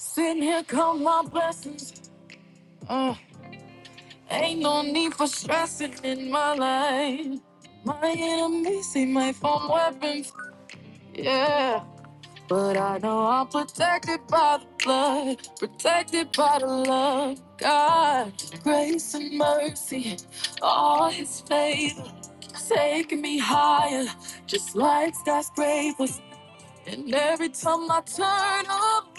Sitting here, count my blessings. Uh, ain't no need for stressing in my life. My enemies see my phone weapons, yeah. But I know I'm protected by the blood, protected by the love. God, grace and mercy, all His favor, taking me higher, just like skyscrapers. And every time I turn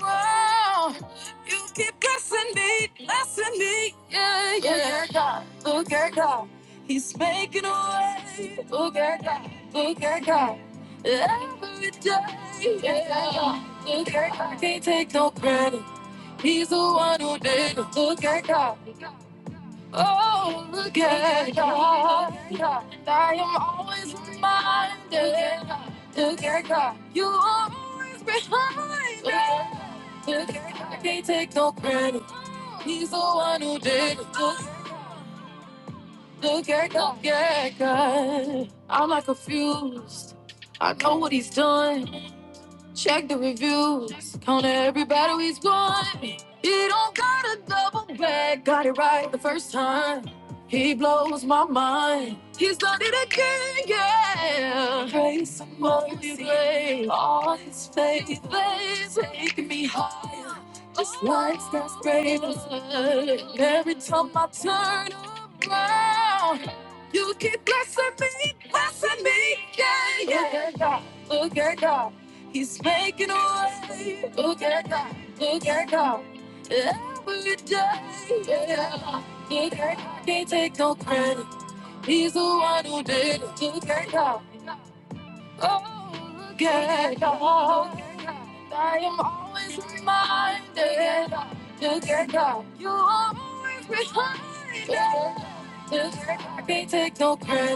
around, you keep blessing me, blessing me, yeah. Look at God, He's making a way. Look at, look at God. Every day, can't take no credit. He's the one who did it. Look at God. Oh, look at I am always reminded. You are always behind. Can't take no credit. He's the one who did. Look at God. Yeah, God, I'm not confused. I know what he's done. Check the reviews. Count every battle he's won. He don't gotta double back. Got it right the first time. He blows my mind. He's done it again, yeah. Praise him, Lord. all his faith is making me hot. That's greater. Every time I turn around, you keep blessing me, blessing me. Yeah. Look at God. He's making a look, look at God. Every day. Look at God. Can't take no credit. He's the one who did it. Look at God. Oh, look I am always reminded. Look at God. You are always behind. Look, Can't take no credit.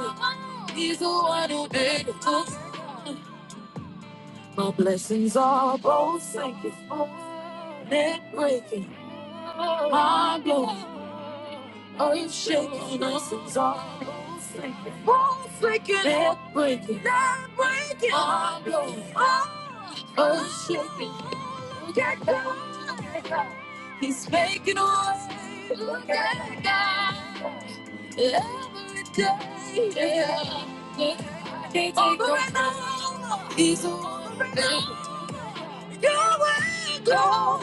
He's the one who did it. Look My blessings are both sinking and breaking. Oh, you sh- blessings are both sinking, both sinking, breaking, and breaking. Oh, He's making a way every day. I can't stop. He's a warrior, your way, go.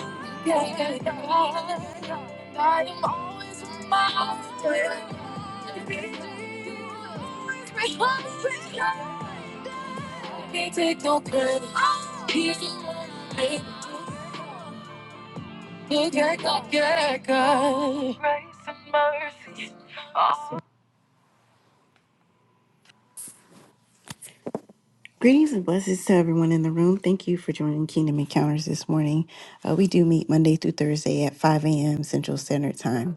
Can't take no credit. He's a warrior. you can't get it. Greetings and blessings to everyone in the room. Thank you for joining Kingdom Encounters this morning. Uh, we do meet Monday through Thursday at 5 a.m. Central Standard Time.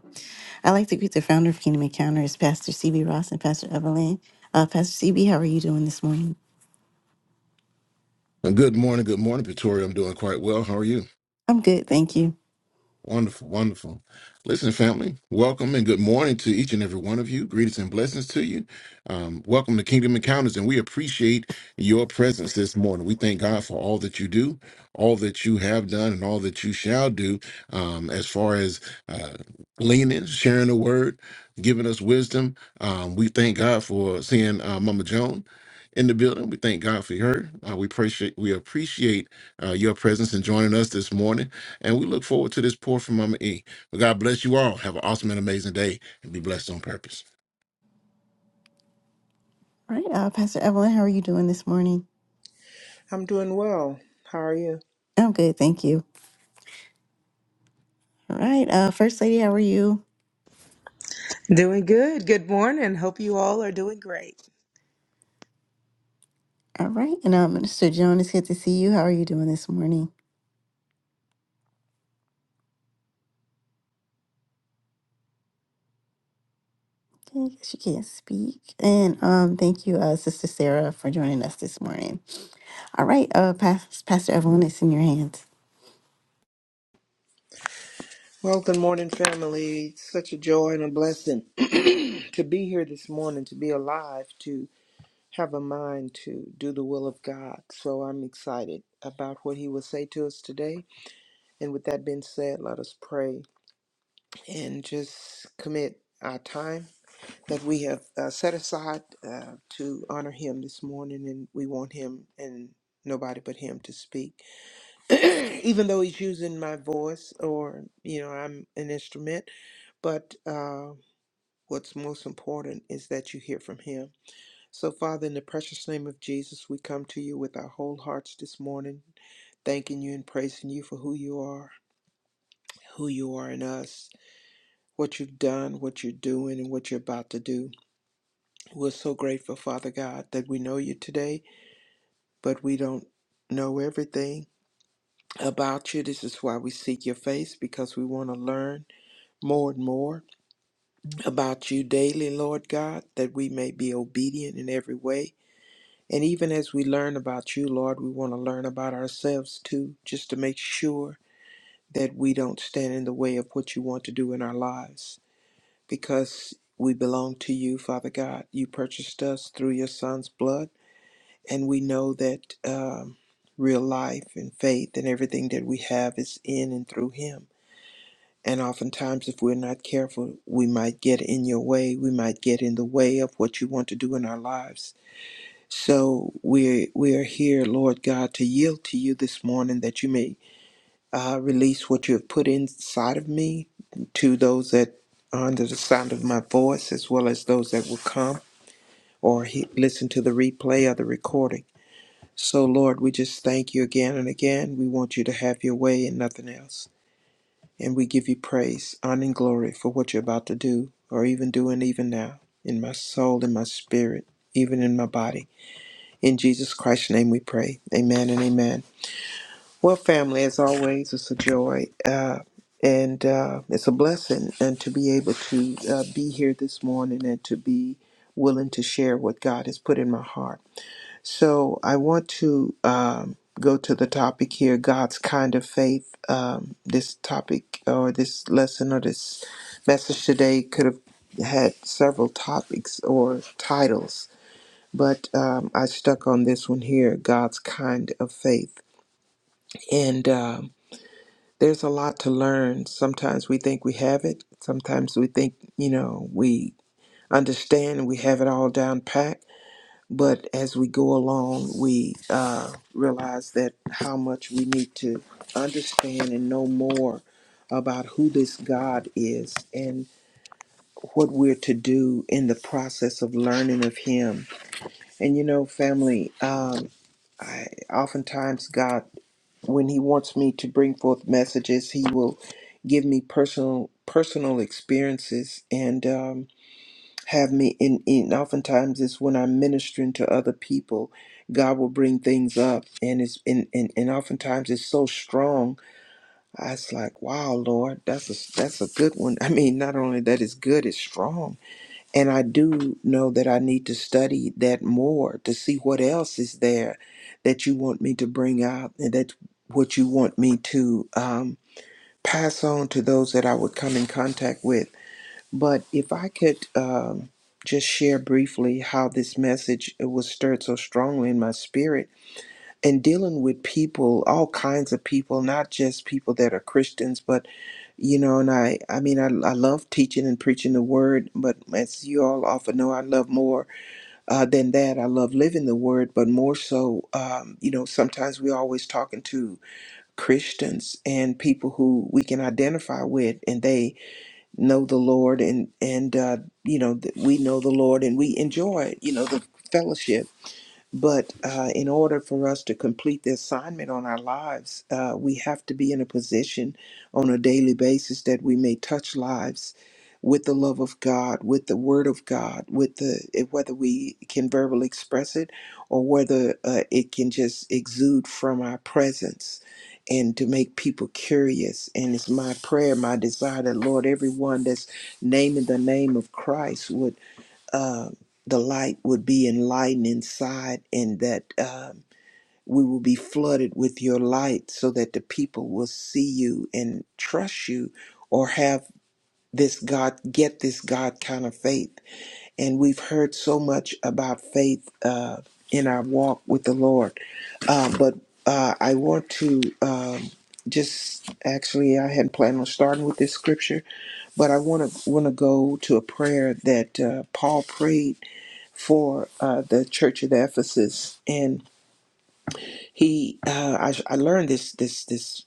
I'd like to greet the founder of Kingdom Encounters, Pastor CB Ross and Pastor Evelyn. Uh, Pastor CB, how are you doing this morning? Uh, Good morning. Good morning, Pretoria. I'm doing quite well. How are you? I'm good, thank you. Wonderful, wonderful. Listen, family, welcome and good morning to each and every one of you. Greetings and blessings to you. Um, welcome to Kingdom Encounters, and we appreciate your presence this morning. We thank God for all that you do, all that you have done, and all that you shall do um, as far as uh, leaning, sharing the word, giving us wisdom. Um, we thank God for seeing uh, Mama Joan. In the building, we thank God for her. Uh, we appreciate we appreciate uh, your presence and joining us this morning. And we look forward to this pour from Mama E. But God bless you all. Have an awesome and amazing day and be blessed on purpose. All right, uh, Pastor Evelyn, how are you doing this morning? I'm doing well. How are you? I'm good, thank you. All right, uh, First Lady, how are you? Doing good. Good morning. Hope you all are doing great. All right, and uh, Minister Joan, it's good to see you. How are you doing this morning? Okay, I guess you can't speak. And um, thank you, uh, Sister Sarah, for joining us this morning. All right, uh, Pas- Pastor Evelyn, it's in your hands. Well, good morning, family. It's such a joy and a blessing to be here this morning, to be alive, to have a mind to do the will of God. So I'm excited about what He will say to us today. And with that being said, let us pray and just commit our time that we have uh, set aside uh, to honor Him this morning. And we want Him and nobody but Him to speak. even though he's using my voice or you know i'm an instrument but uh, what's most important is that you hear from him so father in the precious name of jesus we come to you with our whole hearts this morning thanking you and praising you for who you are who you are in us what you've done what you're doing and what you're about to do we're so grateful father god that we know you today but we don't know everything about you this is why we seek your face because we want to learn more and more about you daily, Lord God, that we may be obedient in every way. And even as we learn about you, Lord, we want to learn about ourselves too, just to make sure that we don't stand in the way of what you want to do in our lives because we belong to you, Father God. You purchased us through your Son's blood, and we know that um, real life and faith and everything that we have is in and through Him. And oftentimes, if we're not careful, we might get in your way. We might get in the way of what you want to do in our lives. So we're we're here, Lord God, to yield to you this morning that you may uh, release what you have put inside of me to those that are under the sound of my voice, as well as those that will come or he- listen to the replay or the recording. So, Lord, we just thank you again and again. We want you to have your way and nothing else. And we give you praise, honor, and glory for what you're about to do, or even doing even now, in my soul, in my spirit, even in my body. In Jesus Christ's name we pray. Amen and amen. Well, family, as always, it's a joy uh, and uh, it's a blessing and to be able to uh, be here this morning and to be willing to share what God has put in my heart. So I want to um, go to the topic here God's kind of faith. Um, this topic or this lesson or this message today could have had several topics or titles, but um, I stuck on this one here God's kind of faith. And um, there's a lot to learn. Sometimes we think we have it, sometimes we think, you know, we understand and we have it all down pat but as we go along, we uh, realize that how much we need to understand and know more about who this God is and what we're to do in the process of learning of Him. And you know, family, um, I oftentimes God, when He wants me to bring forth messages, He will give me personal personal experiences and. Um, have me in, in oftentimes it's when I'm ministering to other people, God will bring things up and it's and, and, and oftentimes it's so strong. I was like, wow, Lord, that's a that's a good one. I mean, not only that it's good, it's strong. And I do know that I need to study that more to see what else is there that you want me to bring out and that's what you want me to um, pass on to those that I would come in contact with but if I could um, just share briefly how this message was stirred so strongly in my spirit and dealing with people, all kinds of people, not just people that are Christians, but you know, and I, I mean, I, I love teaching and preaching the word, but as you all often know, I love more uh, than that. I love living the word, but more so, um, you know, sometimes we're always talking to Christians and people who we can identify with, and they know the Lord and and uh, you know that we know the Lord and we enjoy you know the fellowship but uh, in order for us to complete the assignment on our lives, uh, we have to be in a position on a daily basis that we may touch lives with the love of God, with the Word of God, with the eh, whether we can verbally express it or whether uh, it can just exude from our presence and to make people curious. And it's my prayer, my desire that Lord, everyone that's naming the name of Christ would um, the light would be enlightened inside and that um, we will be flooded with your light so that the people will see you and trust you or have this God, get this God kind of faith. And we've heard so much about faith uh, in our walk with the Lord. Uh, but uh, I want to um, just actually, I hadn't planned on starting with this scripture, but I want to want to go to a prayer that uh, Paul prayed for uh, the church at Ephesus, and he uh, I, I learned this this this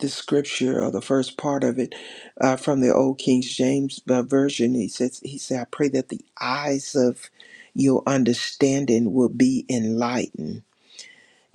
this scripture or the first part of it uh, from the old King James uh, version. He says he said I pray that the eyes of your understanding will be enlightened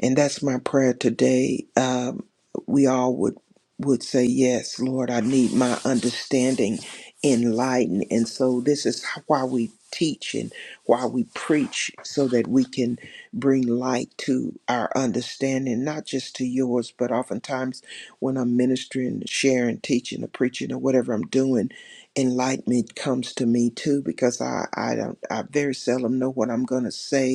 and that's my prayer today. Um, we all would would say, "Yes, Lord, I need my understanding enlightened." And so this is why we teach and why we preach, so that we can bring light to our understanding, not just to yours, but oftentimes when I'm ministering, sharing, teaching, or preaching, or whatever I'm doing, enlightenment comes to me too, because I I don't I very seldom know what I'm going to say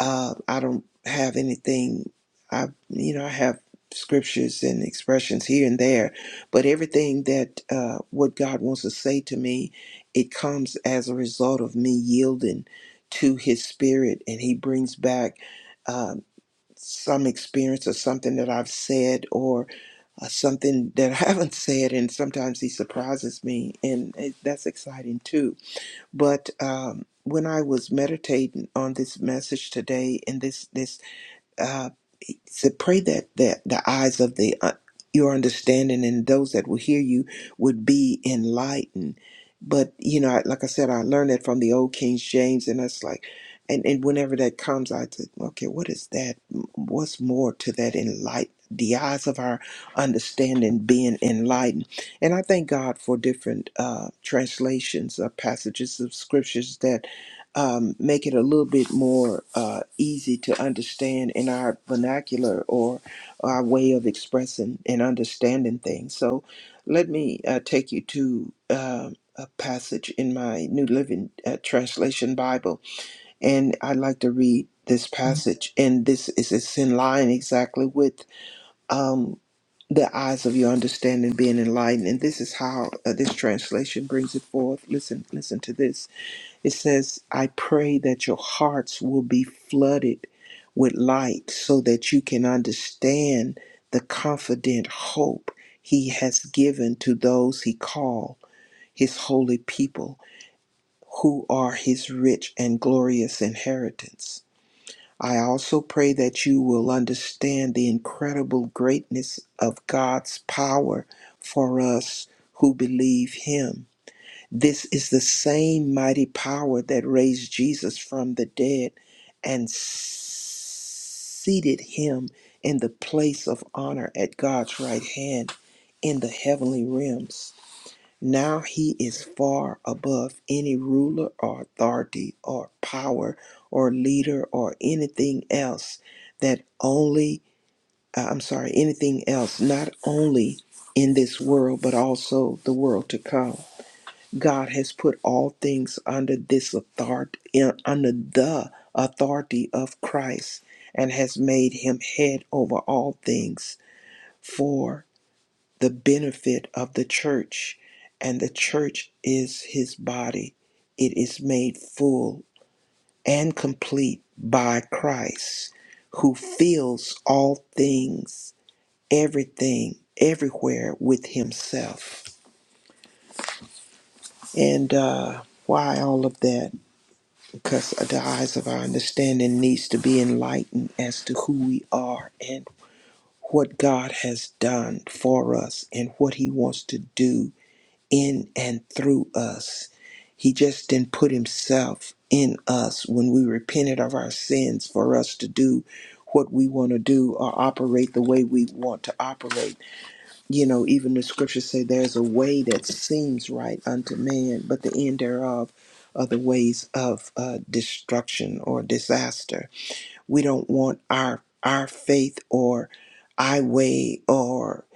uh, I don't have anything. I you know I have scriptures and expressions here and there, but everything that uh, what God wants to say to me, it comes as a result of me yielding to His Spirit, and He brings back um some experience or something that I've said or uh, something that I haven't said, and sometimes He surprises me, and it, that's exciting too but um, when I was meditating on this message today, and this this uh, said, pray that, that the eyes of the uh, your understanding and those that will hear you would be enlightened. But you know, I, like I said, I learned that from the old King James, and that's like, and and whenever that comes, I said, okay, what is that? What's more to that enlighten? The eyes of our understanding being enlightened, and I thank God for different uh, translations of passages of scriptures that um, make it a little bit more uh, easy to understand in our vernacular or our way of expressing and understanding things. So let me uh, take you to um a passage in my New Living uh, Translation Bible, and I'd like to read this passage, and this is it's in line exactly with. Um, the eyes of your understanding being enlightened. And this is how uh, this translation brings it forth. Listen, listen to this. It says, I pray that your hearts will be flooded with light so that you can understand the confident hope he has given to those he called his holy people who are his rich and glorious inheritance. I also pray that you will understand the incredible greatness of God's power for us who believe him this is the same mighty power that raised Jesus from the dead and seated him in the place of honor at God's right hand in the heavenly realms. Now he is far above any ruler or authority or power or leader or anything else that only, uh, I'm sorry, anything else, not only in this world, but also the world to come. God has put all things under this authority, under the authority of Christ, and has made him head over all things for the benefit of the church. And the church is his body. It is made full and complete by Christ, who fills all things, everything, everywhere with himself. And uh, why all of that? because the eyes of our understanding needs to be enlightened as to who we are and what God has done for us and what he wants to do in and through us. He just didn't put himself in us when we repented of our sins for us to do what we want to do or operate the way we want to operate you know, even the scriptures say there's a way that seems right unto man, but the end thereof are the ways of uh, destruction or disaster. We don't want our our faith or I way or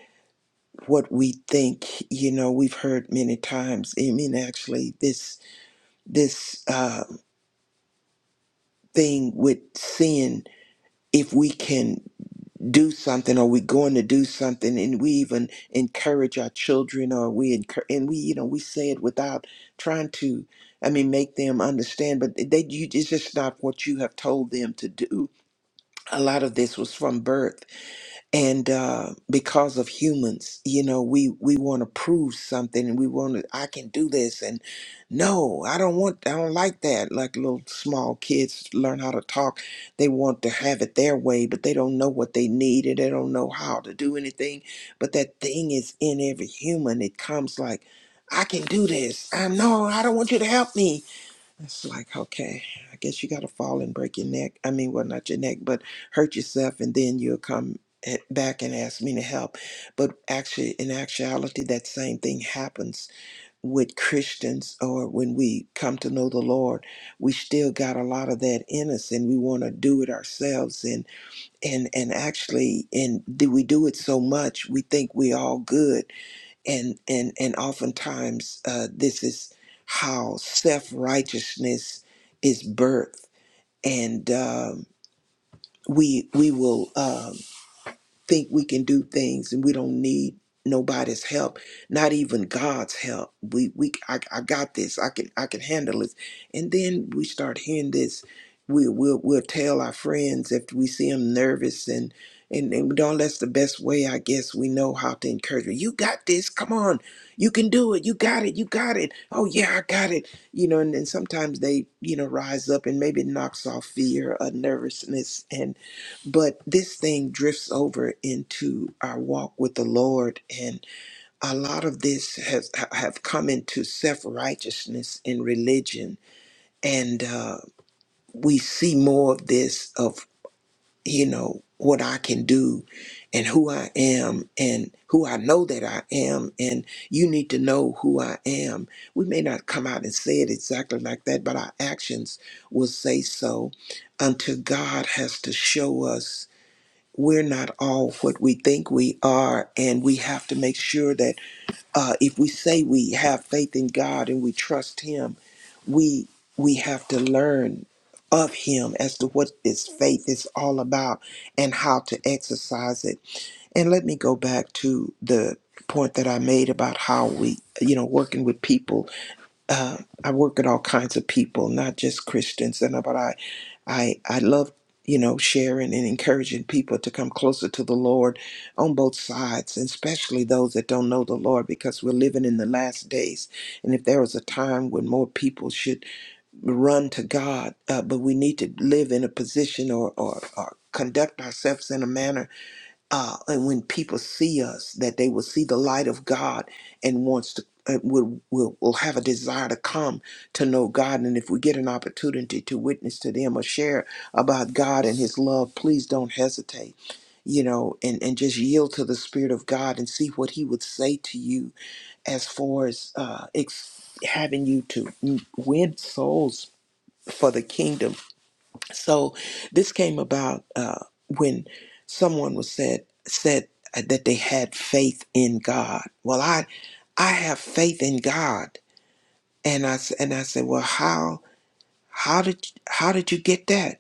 what we think. You know, we've heard many times. I mean, actually, this this uh, thing with sin. If we can do something or we're going to do something and we even encourage our children or we encourage and we you know we say it without trying to i mean make them understand but they you it's just not what you have told them to do a lot of this was from birth and uh, because of humans you know we we want to prove something and we want to i can do this and no i don't want i don't like that like little small kids learn how to talk they want to have it their way but they don't know what they need and they don't know how to do anything but that thing is in every human it comes like i can do this i no i don't want you to help me it's like, okay, I guess you got to fall and break your neck. I mean, well, not your neck, but hurt yourself, and then you'll come a- back and ask me to help. But actually, in actuality, that same thing happens with Christians or when we come to know the Lord. We still got a lot of that in us, and we want to do it ourselves. And and and actually, and do we do it so much? We think we all good and and and oftentimes uh, this is how self righteousness is birthed, and um, we we will. Um, think we can do things and we don't need nobody's help not even god's help we we I, I got this i can i can handle this and then we start hearing this we we'll, we'll tell our friends if we see them nervous and and, and we don't that's the best way i guess we know how to encourage them. you got this come on you can do it you got it you got it oh yeah i got it you know and then sometimes they you know rise up and maybe knocks off fear or nervousness and. But this thing drifts over into our walk with the Lord, and a lot of this has ha- have come into self righteousness in religion, and uh, we see more of this of you know what I can do, and who I am, and who I know that I am, and you need to know who I am. We may not come out and say it exactly like that, but our actions will say so, until God has to show us we're not all what we think we are, and we have to make sure that uh, if we say we have faith in God and we trust Him, we we have to learn of Him as to what this faith is all about and how to exercise it. And let me go back to the point that I made about how we, you know, working with people uh, I work with all kinds of people, not just Christians, and uh, but I, I, I love you know sharing and encouraging people to come closer to the Lord on both sides, and especially those that don't know the Lord, because we're living in the last days, and if there was a time when more people should run to God, uh, but we need to live in a position or or, or conduct ourselves in a manner uh, and when people see us, that they will see the light of God and wants to uh, will, will will have a desire to come to know God. And if we get an opportunity to witness to them or share about God and His love, please don't hesitate. You know, and and just yield to the Spirit of God and see what He would say to you as far as uh, ex- having you to win souls for the kingdom so this came about uh, when someone was said said uh, that they had faith in God. Well, I I have faith in God, and I s- and I said, well, how how did how did you get that?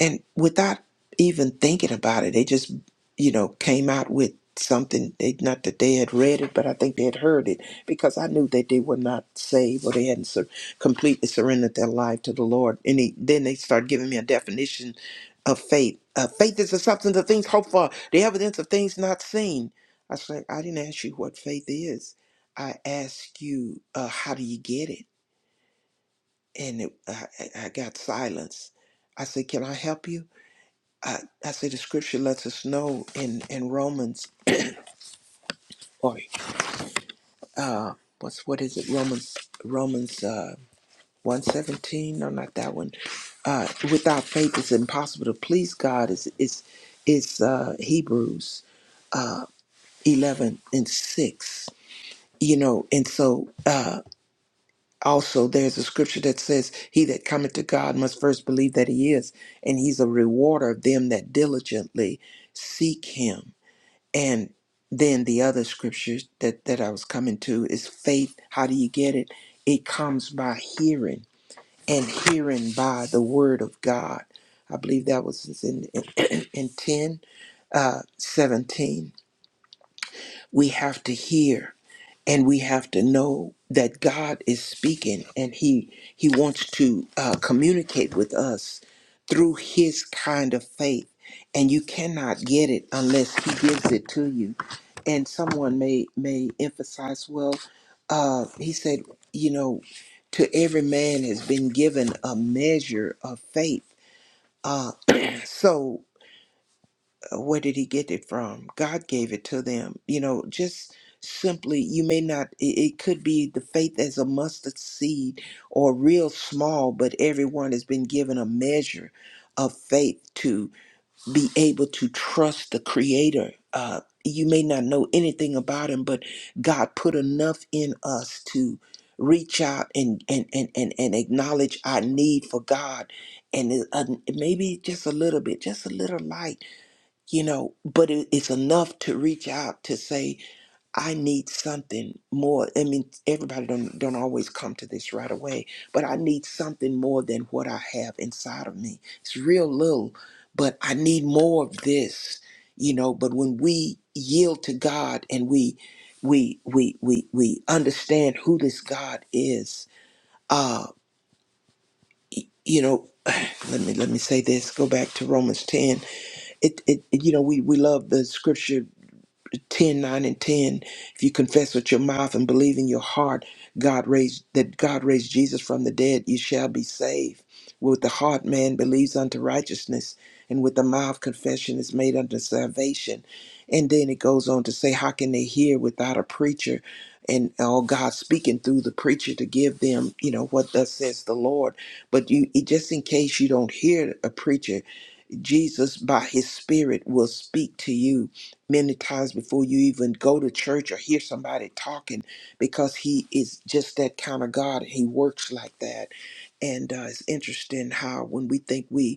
and without even thinking about it, they just, you know, came out with something. They, not that they had read it, but I think they had heard it because I knew that they were not saved or they hadn't sur- completely surrendered their life to the Lord. And he, then they started giving me a definition of faith. Uh, faith is the substance of things hoped for, the evidence of things not seen. I was like, I didn't ask you what faith is. I asked you, uh, how do you get it? And it, I, I I got silence. I said, Can I help you? I, I say the scripture lets us know in in Romans or uh what's what is it Romans Romans uh one seventeen no not that one uh without faith it's impossible to please God is is is uh Hebrews uh eleven and six you know and so uh also there's a scripture that says he that cometh to God must first believe that he is and he's a rewarder of them that diligently seek him And then the other scriptures that, that I was coming to is faith. How do you get it? It comes by hearing, and hearing by the word of God. I believe that was in in, in 10, uh, 17. We have to hear and we have to know that God is speaking and he he wants to uh, communicate with us through his kind of faith and you cannot get it unless he gives it to you and someone may may emphasize well uh, he said you know to every man has been given a measure of faith uh, so uh, where did he get it from? God gave it to them. You know, just simply, you may not, it, it could be the faith as a mustard seed or real small, but everyone has been given a measure of faith to be able to trust the Creator. Uh, you may not know anything about him, but God put enough in us to reach out and and and and, and acknowledge our need for God, and it, uh, maybe just a little bit, just a little light you know but it, it's enough to reach out to say i need something more i mean everybody don't don't always come to this right away but i need something more than what i have inside of me it's real little but i need more of this you know but when we yield to god and we we we we we understand who this god is uh y- you know let me let me say this go back to romans 10 it, it it- you know we we love the scripture 10, 9, and 10. If you confess with your mouth and believe in your heart God raised that God raised Jesus from the dead, you shall be saved. With the heart man believes unto righteousness, and with the mouth confession is made unto salvation. And then it goes on to say, How can they hear without a preacher? And all God speaking through the preacher to give them, you know, what thus says the Lord. But you, just in case you don't hear a preacher, Jesus, by his spirit, will speak to you many times before you even go to church or hear somebody talking because he is just that kind of God. He works like that. And uh, it's interesting how when we think we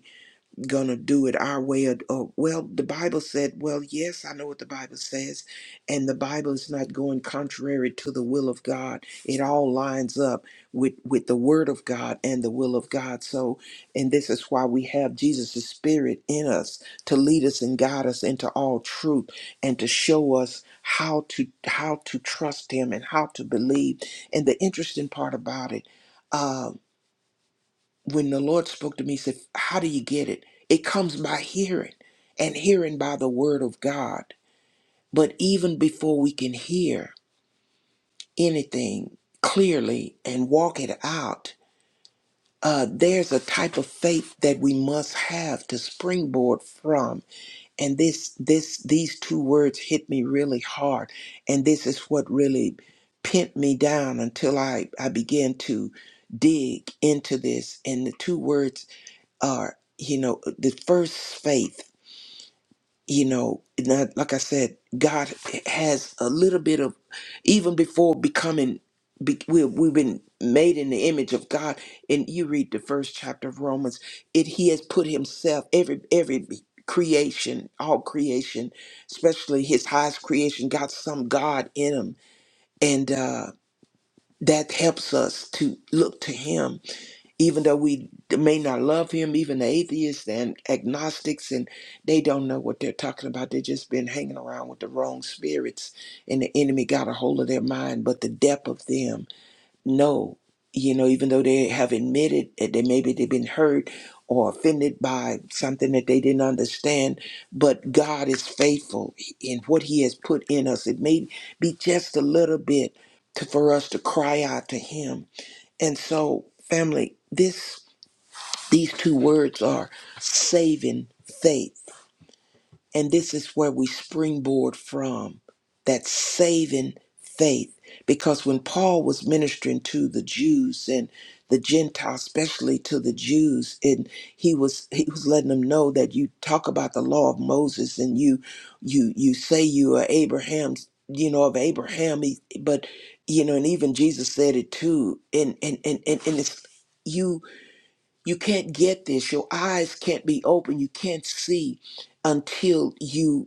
gonna do it our way or, or well the bible said well yes i know what the bible says and the bible is not going contrary to the will of god it all lines up with with the word of god and the will of god so and this is why we have jesus' spirit in us to lead us and guide us into all truth and to show us how to how to trust him and how to believe and the interesting part about it uh, when the Lord spoke to me, he said, How do you get it? It comes by hearing, and hearing by the word of God. But even before we can hear anything clearly and walk it out, uh, there's a type of faith that we must have to springboard from. And this, this, these two words hit me really hard. And this is what really pinned me down until I, I began to dig into this. And the two words are you know the first faith you know not, like i said god has a little bit of even before becoming be, we, we've been made in the image of god and you read the first chapter of romans it he has put himself every every creation all creation especially his highest creation got some god in him and uh that helps us to look to him even though we may not love him, even the atheists and agnostics, and they don't know what they're talking about. They've just been hanging around with the wrong spirits, and the enemy got a hold of their mind. But the depth of them, no, you know, even though they have admitted that they maybe they've been hurt or offended by something that they didn't understand, but God is faithful in what He has put in us. It may be just a little bit to, for us to cry out to Him, and so family, this. These two words are saving faith. And this is where we springboard from that saving faith. Because when Paul was ministering to the Jews and the Gentiles, especially to the Jews, and he was he was letting them know that you talk about the law of Moses and you you you say you are Abraham's, you know, of Abraham, he- but you know, and even Jesus said it too. And and and and, and it's you you can't get this. Your eyes can't be open. You can't see until you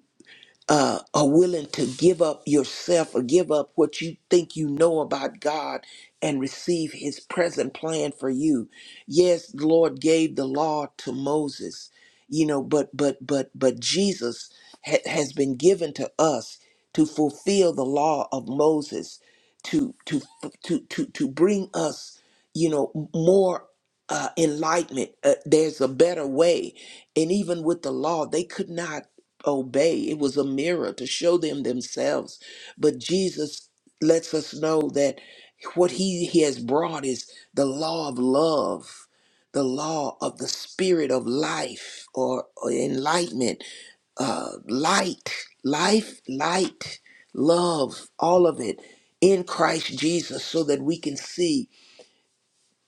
uh, are willing to give up yourself or give up what you think you know about God and receive his present plan for you. Yes, the Lord gave the law to Moses, you know, but but but but Jesus ha- has been given to us to fulfill the law of Moses, to to to to to bring us, you know, more uh, enlightenment. Uh, there's a better way, and even with the law, they could not obey. It was a mirror to show them themselves. But Jesus lets us know that what he, he has brought is the law of love, the law of the spirit of life or, or enlightenment, uh, light, life, light, love, all of it in Christ Jesus so that we can see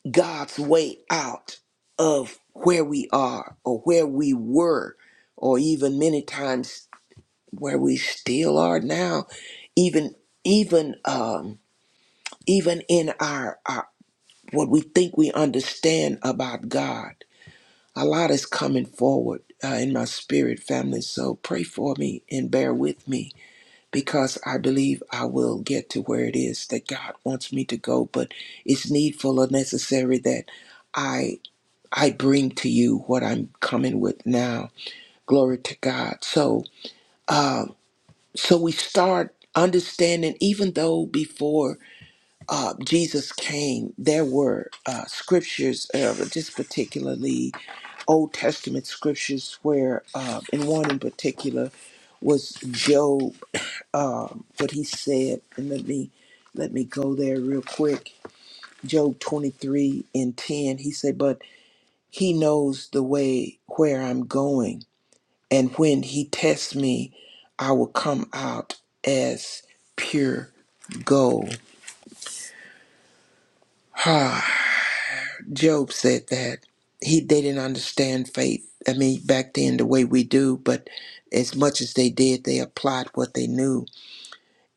God's way out of where we are or where we were or even many times where we still are now, even even um even in our, our what we think we understand about God. A lot is coming forward uh, in my spirit family, so pray for me and bear with me because I believe I will get to where it is that God wants me to go, but it's needful or necessary that I I bring to you what I'm coming with now. Glory to God. So, uh, So we start understanding, even though before uh, Jesus came, there were uh, scriptures, uh, just particularly Old Testament scriptures, where, uh, and one in particular was Job, um, what he said. And let me let me go there real quick. Job 23 and 10, he said, But he knows the way where I'm going and when he tests me, I will come out as pure gold. Ha, Job said that. He they didn't understand faith. I mean, back then the way we do, but as much as they did, they applied what they knew.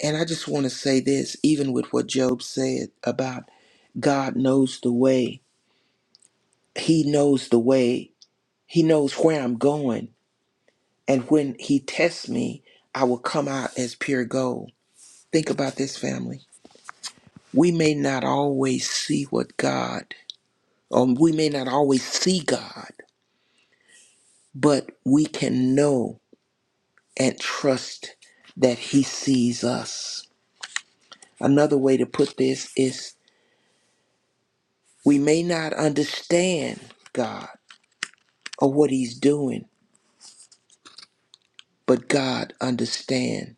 And I just want to say this, even with what Job said about God knows the way. He knows the way. He knows where I'm going. And when he tests me, I will come out as pure gold. Think about this family We may not always see what God, or we may not always see God, but we can know and trust that He sees us. Another way to put this is we may not understand God or what He's doing, but God understands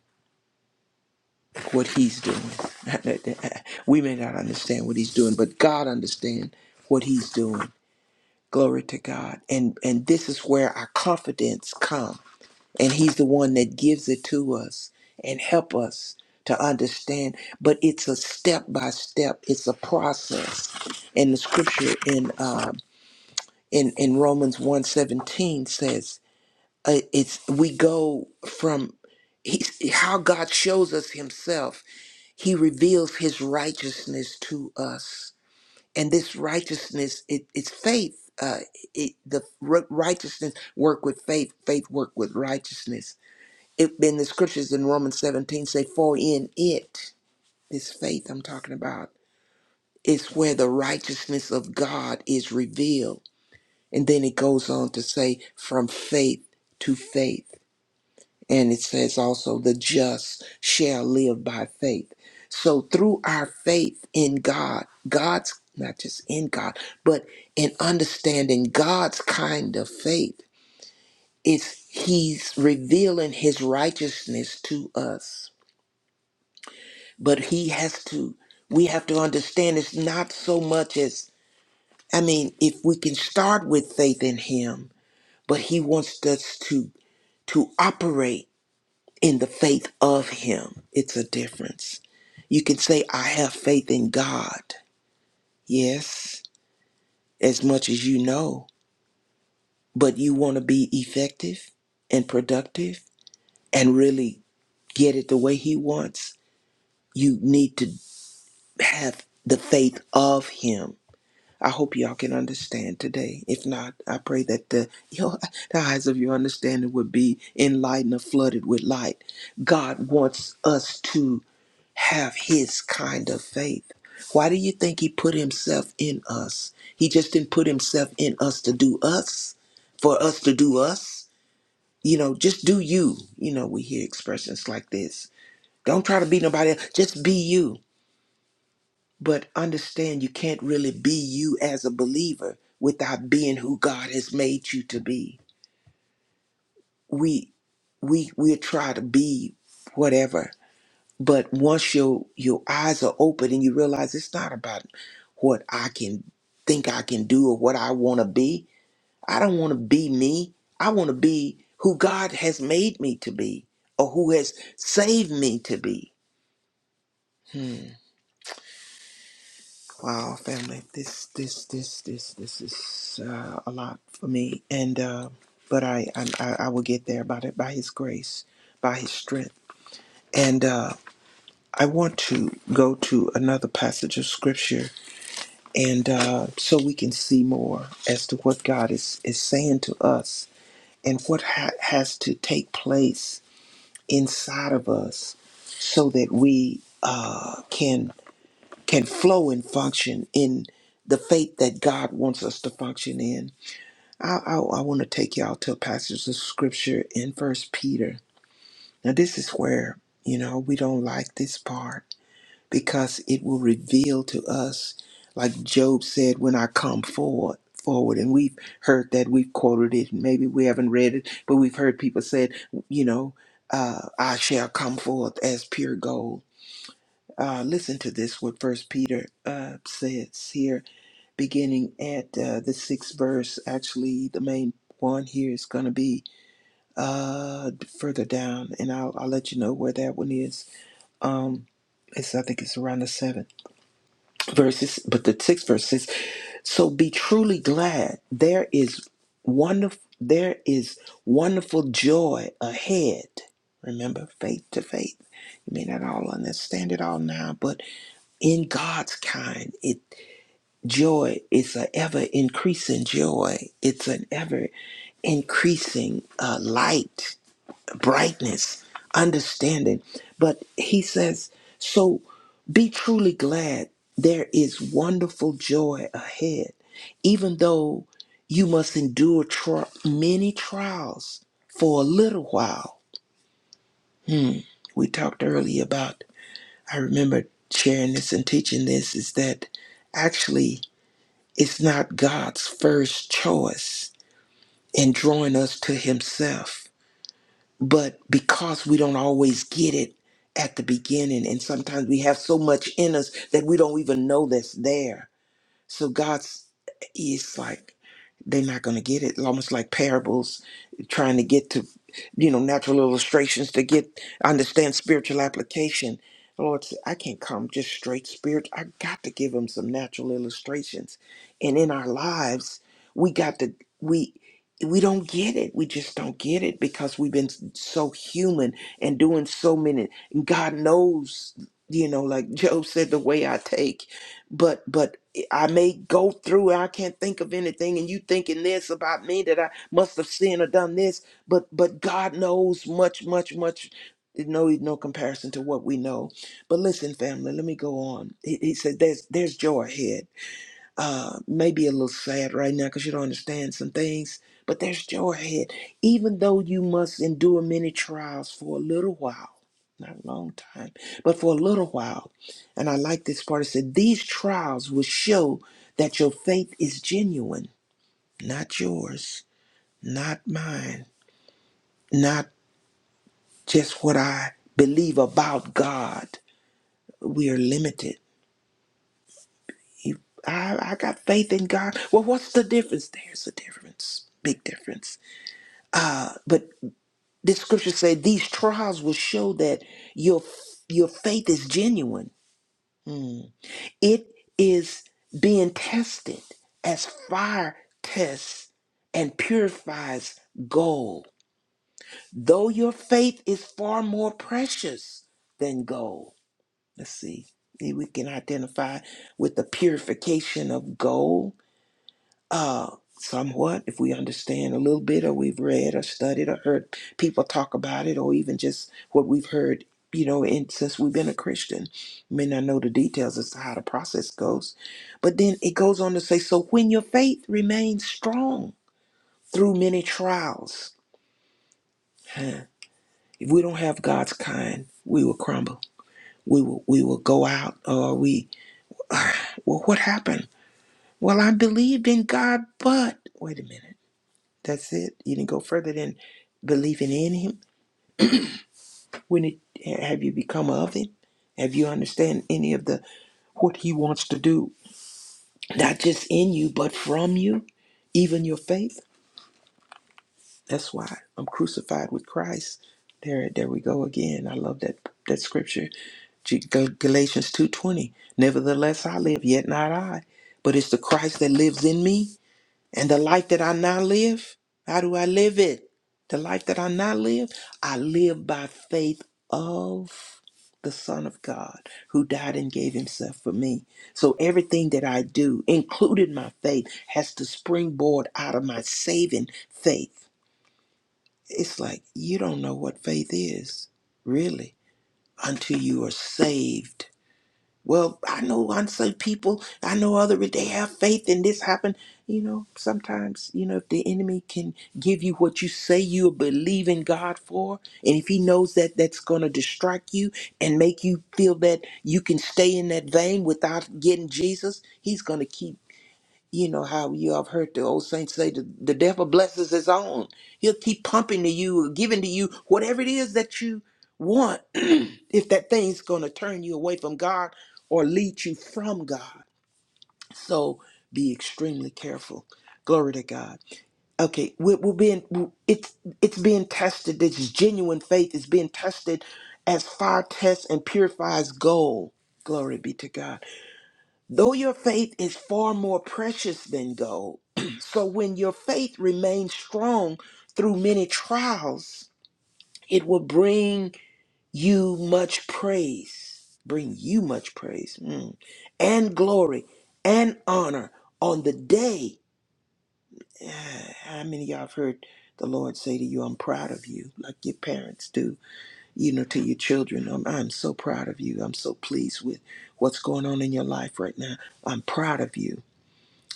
what He's doing. we may not understand what He's doing, but God understands what He's doing. Glory to God. And and this is where our confidence comes and he's the one that gives it to us and help us to understand but it's a step by step it's a process and the scripture in uh, in in romans one seventeen says uh, it's we go from he's, how god shows us himself he reveals his righteousness to us and this righteousness it, it's faith uh, it, the ri- righteousness work with faith faith work with righteousness it, in the scriptures in Romans 17 say, For in it, this faith I'm talking about, is where the righteousness of God is revealed. And then it goes on to say, From faith to faith. And it says also, The just shall live by faith. So through our faith in God, God's not just in God, but in understanding God's kind of faith, it's He's revealing His righteousness to us but he has to we have to understand it's not so much as i mean if we can start with faith in him but he wants us to to operate in the faith of him it's a difference you can say i have faith in god yes as much as you know but you want to be effective and productive and really get it the way he wants you need to have the faith of him I hope y'all can understand today. If not, I pray that the, your, the eyes of your understanding would be enlightened or flooded with light. God wants us to have his kind of faith. Why do you think he put himself in us? He just didn't put himself in us to do us, for us to do us. You know, just do you. You know, we hear expressions like this. Don't try to be nobody else. Just be you. But understand you can't really be you as a believer without being who God has made you to be. We we we try to be whatever, but once your your eyes are open and you realize it's not about what I can think I can do or what I want to be. I don't want to be me. I want to be who God has made me to be or who has saved me to be. Wow, family, this this this this this is uh, a lot for me, and uh, but I, I I I will get there by the, by His grace, by His strength, and uh, I want to go to another passage of Scripture, and uh, so we can see more as to what God is is saying to us and what ha- has to take place inside of us, so that we uh, can can flow and function in the faith that God wants us to function in. I, I, I want to take y'all to a passage of scripture in First Peter. Now, this is where, you know, we don't like this part because it will reveal to us, like Job said, when I come forward. Forward, and we've heard that, we've quoted it, maybe we haven't read it, but we've heard people say, it, you know, uh, I shall come forth as pure gold uh, listen to this what first peter uh, says here beginning at uh, the sixth verse. Actually, the main one here is going to be uh, further down, and I'll, I'll let you know where that one is. Um, it's, I think it's around the seventh verses, but the sixth verse says, "So be truly glad. There is wonderful. There is wonderful joy ahead. Remember, faith to faith. You may not all understand it all now, but in God's kind, it." joy is an ever increasing joy. It's an ever increasing uh, light, brightness, understanding. But he says, so be truly glad. There is wonderful joy ahead, even though you must endure tr- many trials for a little while. We talked earlier about, I remember sharing this and teaching this, is that actually It's not God's first choice in drawing us to Himself. But because we don't always get it at the beginning, and sometimes we have so much in us that we don't even know that's there. So God's, it's like, they're not going to get it. Almost like parables, trying to get to, you know, natural illustrations to get understand spiritual application. The Lord said, I can't come just straight spirit. I got to give them some natural illustrations, and in our lives, we got to we. We don't get it. We just don't get it because we've been so human and doing so many. God knows, you know, like Job said, the way I take. But but I may go through and I can't think of anything and you thinking this about me that I must have sinned or done this, but but God knows much, much, much no no comparison to what we know. But listen, family, let me go on. He, he said there's there's joy ahead uh, maybe a little sad right now because you don't understand some things, but there's joy ahead. Even though you must endure many trials for a little while, not a long time, but for a little while. And I like this part. It said, These trials will show that your faith is genuine, not yours, not mine, not just what I believe about God. We are limited. I, I got faith in God. Well, what's the difference? There's a difference, big difference But This scripture say these trials will show that your your faith is genuine. It is being tested as fire tests and purifies gold. Though your faith is far more precious than gold. Let's see. Maybe we can identify with the purification of gold uh, somewhat if we understand a little bit or we've read or studied or heard people talk about it or even just what we've heard you know and since we've been a christian may not know the details as to how the process goes but then it goes on to say so when your faith remains strong through many trials huh, if we don't have god's kind we will crumble we will we will go out or we well what happened well i believed in god but wait a minute That's it. You didn't go further than believing in him. When it have you become of him? Have you understand any of the what he wants to do? Not just in you, but from you, even your faith. That's why I'm crucified with Christ. There, there we go again. I love that that scripture, G- Gal- Galatians two twenty. Nevertheless, I live, yet not I, but it's the Christ that lives in me. And the life that I now live, how do I live it? The life that I now live, I live by faith of the Son of God who died and gave himself for me. So everything that I do, including my faith, has to springboard out of my saving faith. It's like you don't know what faith is, really, until you are saved well, I know unsaved people, I know other, they have faith and this happened. You know, sometimes, you know, if the enemy can give you what you say you believe in God for, and if he knows that that's going to distract you and make you feel that you can stay in that vein without getting Jesus, he's going to keep you know how you have heard the old saints say the, the devil blesses his own. He'll keep pumping to you or giving to you whatever it is that you want if that thing's going to turn you away from God or lead you from God. So be extremely careful. Glory to God. Okay, we're, we're being it's it's being tested. This genuine faith is being tested as fire tests and purifies gold. Glory be to God. Though your faith is far more precious than gold, so when your faith remains strong through many trials, it will bring you much praise, bring you much praise, mm, and glory and honor on the day. Ah, How many of y'all have heard the Lord say to you, I'm proud of you, like your parents do, you know, to your children, I'm, I'm so proud of you. I'm so pleased with what's going on in your life right now. I'm proud of you.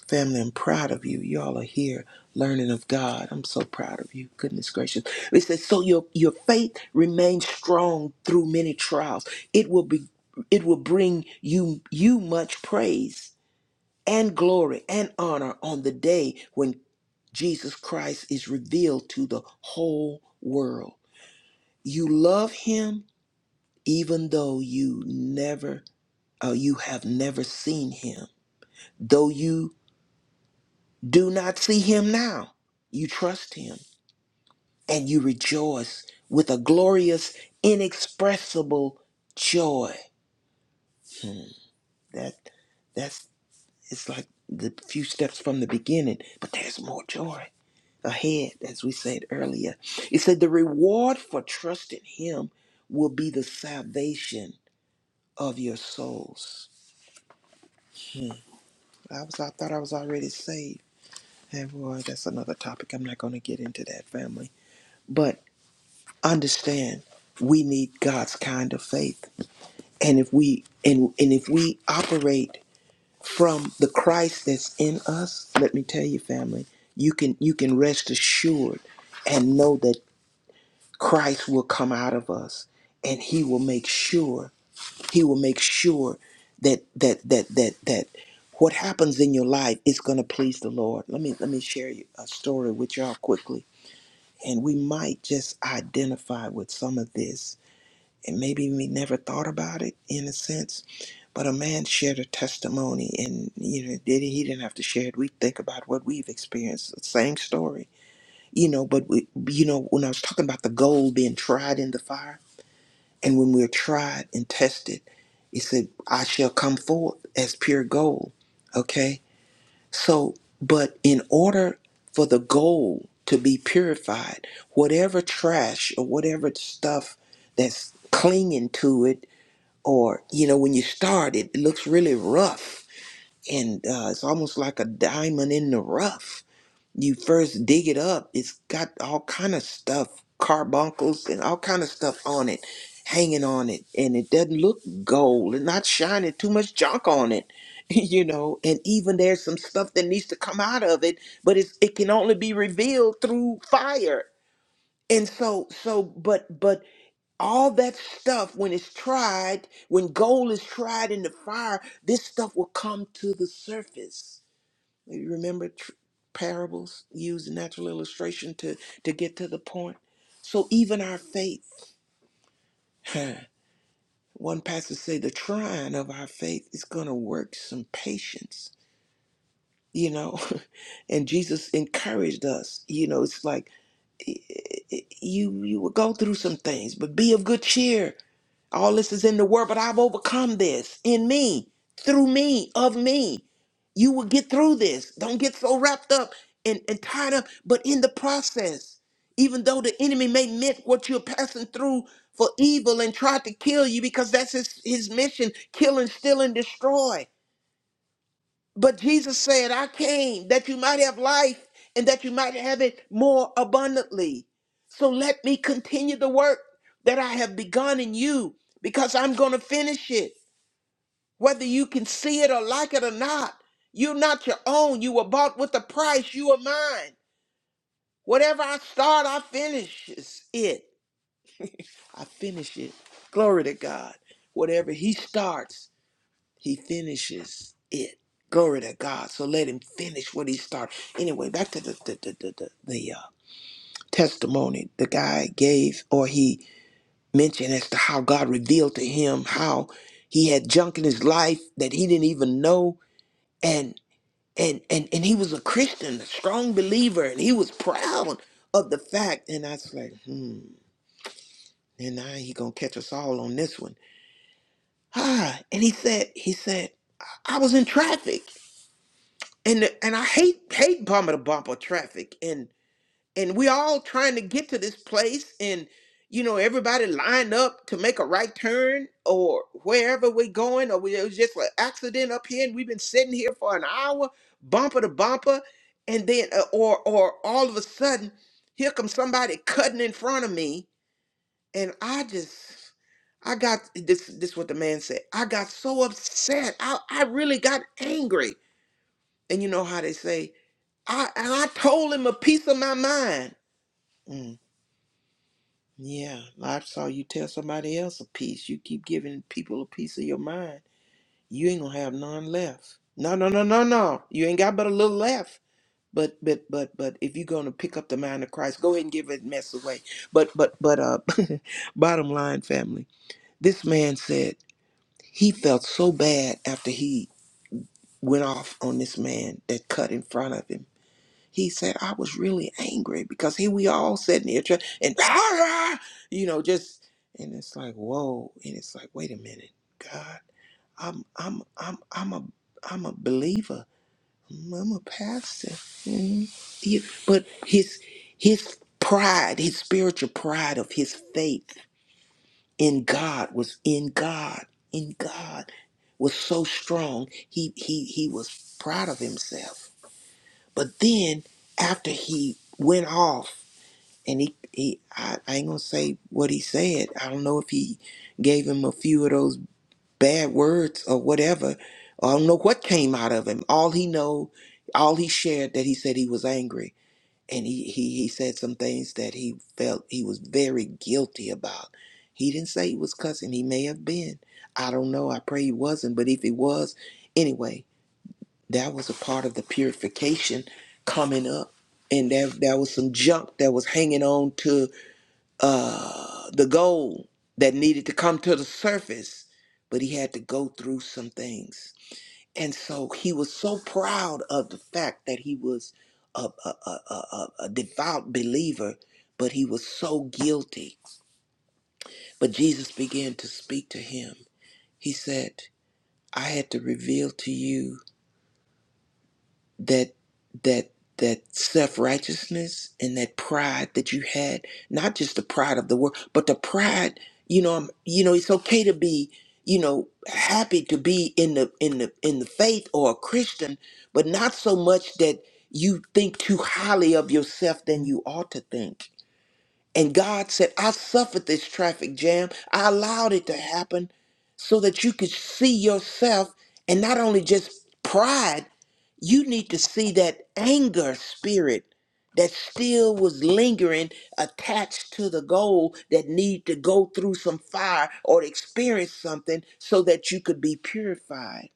Family, I'm proud of you. Y'all are here learning of God. I'm so proud of you. Goodness gracious. It says, so your, your faith remains strong through many trials. It will be it will bring you you much praise and glory and honor on the day when Jesus Christ is revealed to the whole world. You love him even though you never uh, you have never seen him. Though you do not see him now. You trust him and you rejoice with a glorious, inexpressible joy. Hmm, That that's it's like the few steps from the beginning, but there's more joy ahead, as we said earlier. It said the reward for trusting him will be the salvation of your souls. Hmm, I was I thought I was already saved. And boy, that's another topic. I'm not gonna get into that family. but. understand we need God's kind of faith. And if we and and if we operate from the Christ that's in us, let me tell you family, you can you can rest assured and know that Christ will come out of us and he will make sure he will make sure that that that that that what happens in your life is going to please the Lord. Let me let me share you a story with y'all quickly and we might just identify with some of this and maybe we never thought about it in a sense. But a man shared a testimony, and you know, did he didn't have to share it. We think about what we've experienced, the same story, you know. But we, you know, when I was talking about the gold being tried in the fire, and when we're tried and tested, he said, "I shall come forth as pure gold." Okay, so but in order for the gold to be purified, whatever trash or whatever stuff that's clinging to it or you know when you start it, looks really rough and uh, it's almost like a diamond in the rough you first dig it up it's got all kind of stuff carbuncles and all kind of stuff on it hanging on it and it doesn't look gold and not shining too much junk on it you know and even there's some stuff that needs to come out of it but it's, it can only be revealed through fire and so so but but all that stuff when it's tried when gold is tried in the fire this stuff will come to the surface you remember tr- parables use natural illustration to to get to the point so even our faith huh, one pastor say the trying of our faith is going to work some patience you know and jesus encouraged us you know it's like you you will go through some things, but be of good cheer. All this is in the world, but I've overcome this in me, through me, of me. You will get through this. Don't get so wrapped up and, and tied up, but in the process, even though the enemy may meant what you're passing through for evil and try to kill you because that's his, his mission kill and steal and destroy. But Jesus said, I came that you might have life and that you might have it more abundantly. So let me continue the work that I have begun in you because I'm going to finish it. Whether you can see it or like it or not, you're not your own. You were bought with a price. You are mine. Whatever I start, I finish it. I finish it. Glory to God. Whatever He starts, He finishes it. Glory to God. So let him finish what he started. Anyway, back to the the the the, the, the, uh, testimony the guy gave, or he mentioned as to how God revealed to him how he had junk in his life that he didn't even know, and and and and he was a Christian, a strong believer, and he was proud of the fact. And I was like, hmm. And now he gonna catch us all on this one. Ah, and he said, he said, I I was in traffic. and and I hate hate bumper to bumper traffic, and and we all trying to get to this place, and you know everybody lined up to make a right turn or wherever we're going, or we, it was just an accident up here, and we've been sitting here for an hour bumper to bumper, and then uh, or or all of a sudden here comes somebody cutting in front of me, and I just. I got this. This what the man said. I got so upset. I, I really got angry. And you know how they say I and I told him a piece of my mind. Mm, yeah, I saw you tell somebody else a piece. You keep giving people a piece of your mind. You ain't gonna have none left. No, no, no, no, no. You ain't got but a little left. But but but but if you're gonna pick up the mind of Christ, go ahead and give that mess away. But but but uh bottom line, family, this man said he felt so bad after he went off on this man that cut in front of him He said, I was really angry because here we all sitting here try- and, you know, just, and it's like, whoa. And it's like, wait a minute, God, I'm, I'm, I'm, I'm a, I'm a believer. I'm a pastor. Mhm. Yeah, But his, his pride, his spiritual pride of his faith in God was in God, in God was so strong. He, he, he was proud of himself but then after he went off and he, he I, I ain't gonna say what he said. I don't know if he gave him a few of those bad words or whatever. I don't know what came out of him. All he know, all he shared that he said he was angry. And he, he, he said some things that he felt he was very guilty about. He didn't say he was cussing. He may have been. I don't know. I pray he wasn't. But if he was, anyway that was a part of the purification coming up and there, there was some junk that was hanging on to uh, the gold that needed to come to the surface but he had to go through some things and so he was so proud of the fact that he was a, a, a, a, a a devout believer but he was so guilty but jesus began to speak to him he said i had to reveal to you that that that self-righteousness and that pride that you had not just the pride of the world but the pride you know I'm, you know it's okay to be you know happy to be in the in the in the faith or a christian but not so much that you think too highly of yourself than you ought to think and God said, I suffered this traffic jam. I allowed it to happen so that you could see yourself and not only just pride, you need to see that anger spirit that still was lingering attached to the goal that need to go through some fire or experience something so that you could be purified.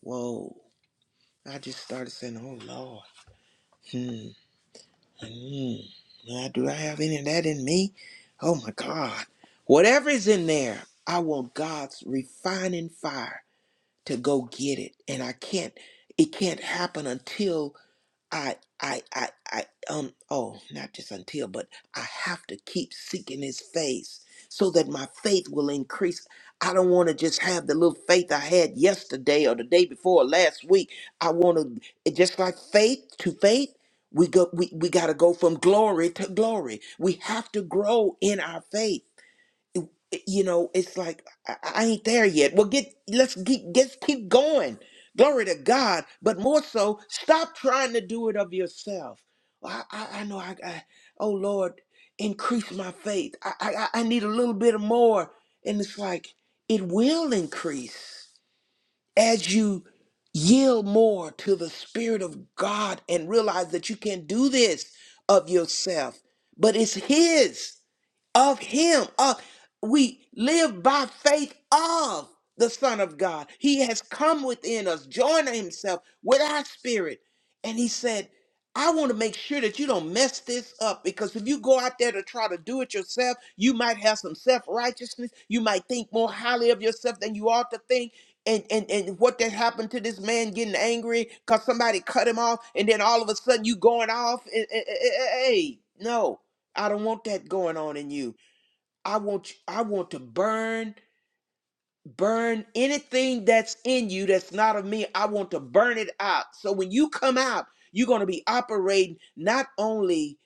Whoa. I just started saying, oh Lord. Hmm. Mm. Now, do I have any of that in me? Oh my God. Whatever is in there, I want God's refining fire to go get it. And I can't, it can't happen until I, I, I, I, um, oh, not just until, but I have to keep seeking his face so that my faith will increase. I don't want to just have the little faith I had yesterday or the day before last week. I want to, it just like faith to faith, we go, we, we got to go from glory to glory. We have to grow in our faith you know, it's like I, I ain't there yet. Well, get let's get let's keep going. Glory to God. But more so, stop trying to do it of yourself. "Well, I I, I know I, I oh Lord, increase my faith. I, I I I need a little bit more, and it's like it will increase as you yield more to the Spirit of God and realize that you can not do this of yourself. But it's His of him of we live by faith of the son of god he has come within us joined himself with our spirit and he said i want to make sure that you don't mess this up because if you go out there to try to do it yourself you might have some self-righteousness you might think more highly of yourself than you ought to think and, and and what that happened to this man getting angry because somebody cut him off and then all of a sudden you going off and, hey no I don't want that going on in you. I want I want to burn burn anything that's in you that's not of me. I want to burn it out. So when you come out, you're going to be operating not only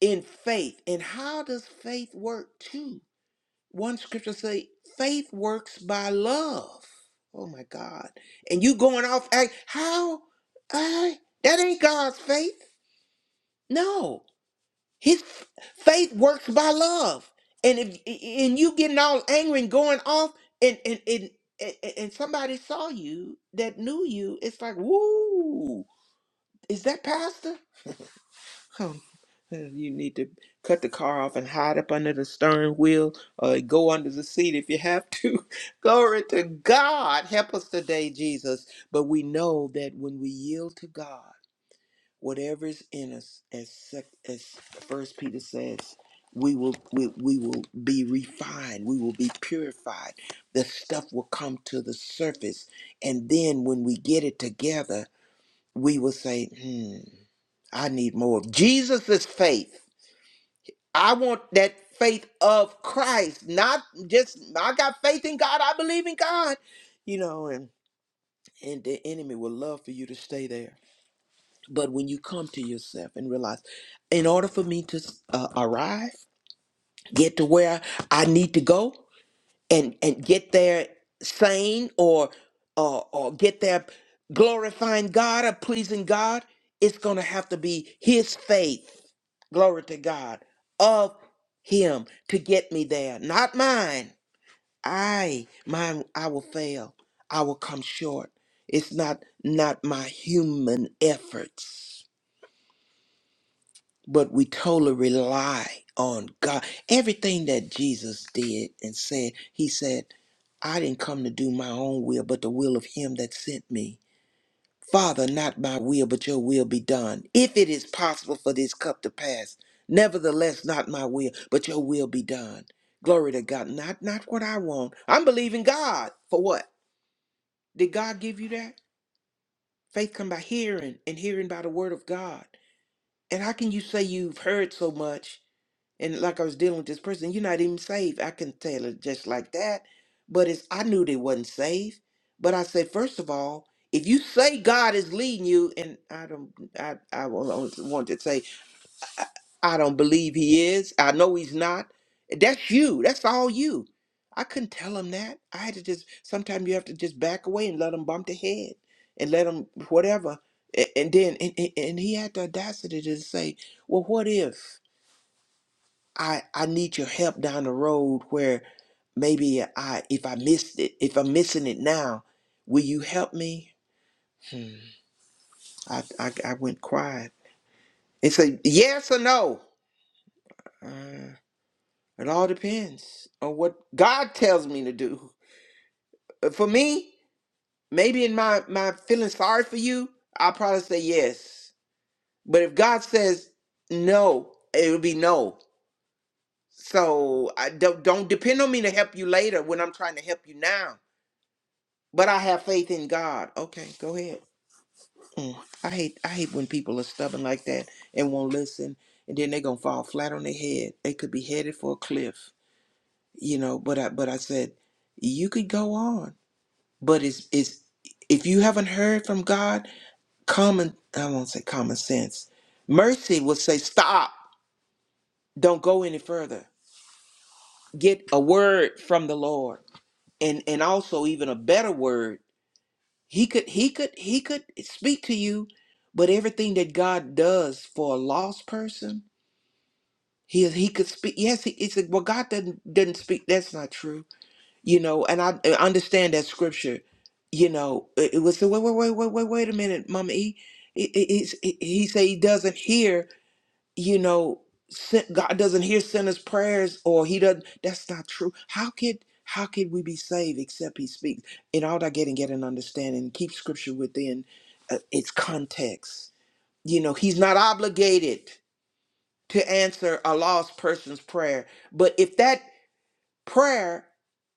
in faith. And how does faith work too? One scripture say faith works by love. Oh my God. And you going off act how I that ain't God's faith. No. His faith works by love. And if and you getting all angry and going off and and and and and somebody saw you that knew you, it's like, woo, is that pastor? Huh. You need to cut the car off and hide up under the stern wheel or go under the seat if you have to. Glory to God. Help us today, Jesus. But we know that when we yield to God, whatever is in us as sec- as first peter says we will we, we will be refined we will be purified the stuff will come to the surface and then when we get it together we will say hmm i need more of Jesus's faith i want that faith of christ not just i got faith in god i believe in god you know and and the enemy would love for you to stay there but when you come to yourself and realize, in order for me to uh, arrive, get to where I need to go, and and get there sane or or or get there glorifying God or pleasing God, it's gonna have to be His faith, glory to God, of Him to get me there, not mine. I mine I will fail. I will come short. It's not not my human efforts but we totally rely on God. Everything that Jesus did and said, he said, I didn't come to do my own will, but the will of him that sent me. Father, not my will, but your will be done. If it is possible for this cup to pass, nevertheless, not my will, but your will be done. Glory to God. Not not what I want. I'm believing God for what? Did God give you that? Faith come by hearing, and hearing by the word of God. And how can you say you've heard so much? and like I was dealing with this person, you're not even saved. I can tell it just like that. But it's I knew they wasn't saved. But I said, first of all, if you say God is leading you, and I don't, I I want to say, I, I don't believe He is. I know He's not. That's you. That's all you. I couldn't tell him that. I had to just. Sometimes you have to just back away and let them bump their head and let them whatever. A- And then and, and and he had the audacity to say, well, what if? I I need your help down the road where maybe I if I missed it if I'm missing it now, will you help me? Hmm. I, I I went quiet. It's a yes or no. Uh, it all depends on what God tells me to do. Uh, For me, maybe in my my feeling sorry for you, I'll probably say yes. But if God says no, it'll be no. So I don't don't depend on me to help you later when I'm trying to help you now But I have faith in God. Okay, go ahead. Mm. I hate I hate when people are stubborn like that and won't listen, and then they're gonna fall flat on their head. They could be headed for a cliff, you know. But I but I said you could go on, but it's it's if you haven't heard from God, common I won't say common sense, mercy will say stop. Don't go any further. Get a word from the Lord, and and also even a better word. He could he could he could speak to you, but everything that God does for a lost person, he he could speak. Yes, he, he said, "Well, God doesn't doesn't speak." That's not true, you know. And I, I understand that scripture, you know. It, it was so, wait wait wait wait wait wait a minute, Mama E. He, he, he he say he doesn't hear you know sin- god doesn't hear sinners prayers or he doesn't that's not true how could how could we be saved except he speaks in all that getting get an understanding keep scripture within uh, its context you know he's not obligated to answer a lost person's prayer but if that prayer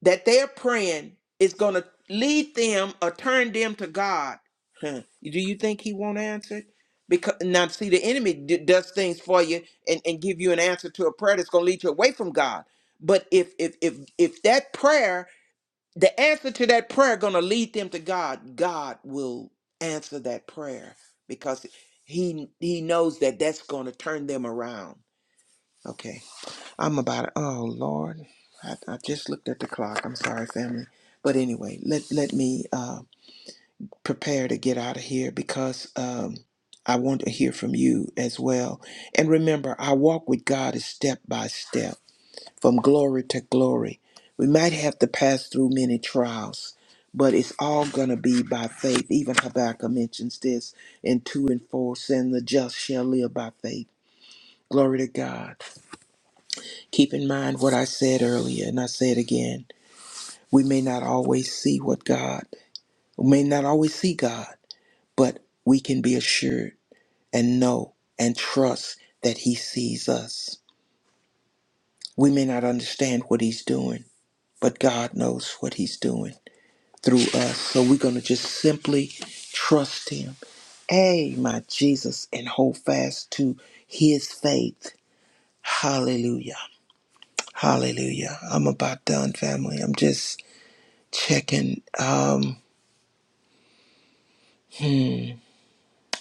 that they're praying is going to lead them or turn them to God. Huh. Do you think he won't answer? it? Because now, see, the enemy d- does things for you and, and give you an answer to a prayer that's going to lead you away from God. But if if if if that prayer, the answer to that prayer, going to lead them to God, God will answer that prayer because he he knows that that's going to turn them around. Okay. I'm about oh Lord, I, I just looked at the clock. I'm sorry, family, but anyway, let let me uh, prepare to get out of here because um, I want to hear from you as well. And remember, our walk with God is step by step, from glory to glory. We might have to pass through many trials, but it's all gonna be by faith. Even Habakkuk mentions this in two and four, saying the just shall live by faith. Glory to God. Keep in mind what I said earlier, and I say it again. We may not always see what God, we may not always see God, but we can be assured and know and trust that He sees us. We may not understand what He's doing, but God knows what He's doing through us. So we're going to just simply trust Him. Hey, my Jesus, and hold fast to His faith. Hallelujah. Hallelujah. I'm about done, family. I'm just checking. Um,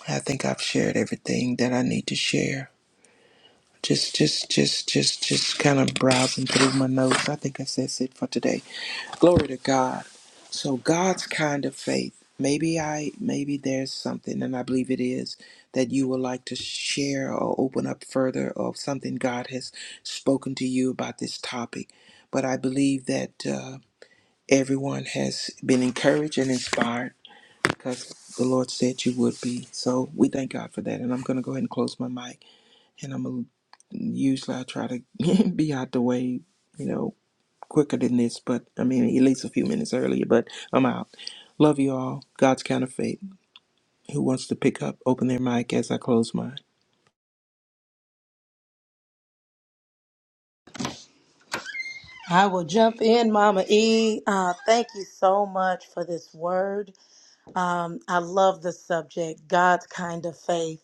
I think I've shared everything that I need to share. Just, just, just, just, just kind of browsing through my notes. I think that's, that's it for today. Glory to God. So God's kind of faith. Maybe I, maybe there's something, and I believe it is, that you would like to share or open up further of something God has spoken to you about this topic. But I believe that uh, everyone has been encouraged and inspired because the Lord said you would be. So we thank God for that. And I'm going to go ahead and close my mic. And I'm going to usually I try to be out the way, you know, quicker than this, but I mean, at least a few minutes earlier, but I'm out. Love you all. God's counterfeit. Who wants to pick up, open their mic as I close mine? I will jump in, Mama E. Uh, thank you so much for this word. Um, I love the subject, God's kind of faith.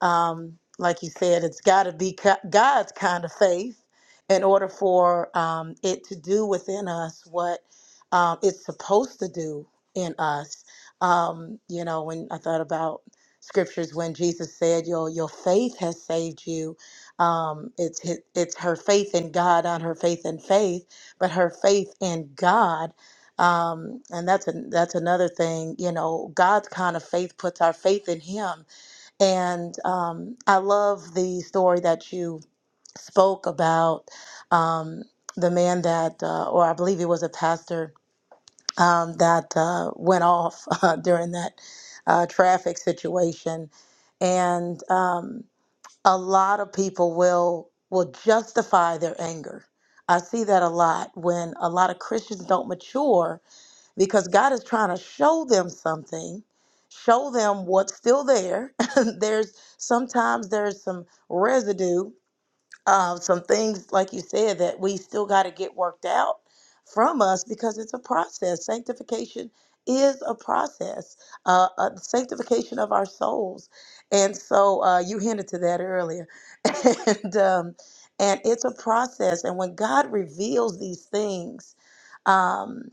Um, like you said, it's got to be co- God's kind of faith in order for um, it to do within us what um, it's supposed to do in us. Um, you know, when I thought about scriptures when Jesus said, "Your your faith has saved you," um, it's his, it's her faith in God, not her faith in faith, but her faith in God um, and that's a, that's another thing. You know, God's kind of faith puts our faith in Him, and um, I love the story that you spoke about um, the man that, uh, or I believe he was a pastor, um, that uh, went off uh, during that uh, traffic situation. And um, a lot of people will will justify their anger. I see that a lot when a lot of Christians don't mature because God is trying to show them something, show them what's still there. there's sometimes there's some residue of some things, like you said, that we still got to get worked out from us because it's a process. Sanctification is a process, uh, uh, sanctification of our souls. And so uh, you hinted to that earlier. and, um, and it's a process. And when God reveals these things, um,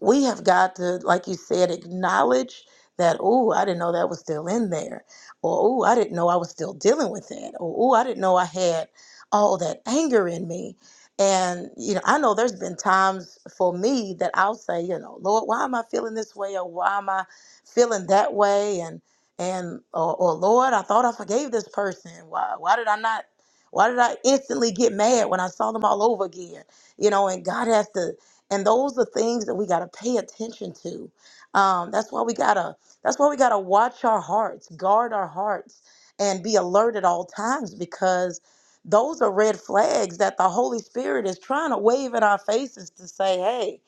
we have got to, like you said, acknowledge that, oh, I didn't know that was still in there. Or, oh, I didn't know I was still dealing with that. Or, oh, I didn't know I had all that anger in me. And, you know, I know there's been times for me that I'll say, you know, Lord, why am I feeling this way? Or why am I feeling that way? And, and, or, or Lord, I thought I forgave this person. Why, why did I not? Why did I instantly get mad when I saw them all over again? You know, and God has to and those are things that we got to pay attention to um, that's why we gotta that's why we gotta watch our hearts guard our hearts and be alert at all times because those are red flags that the holy spirit is trying to wave in our faces to say hey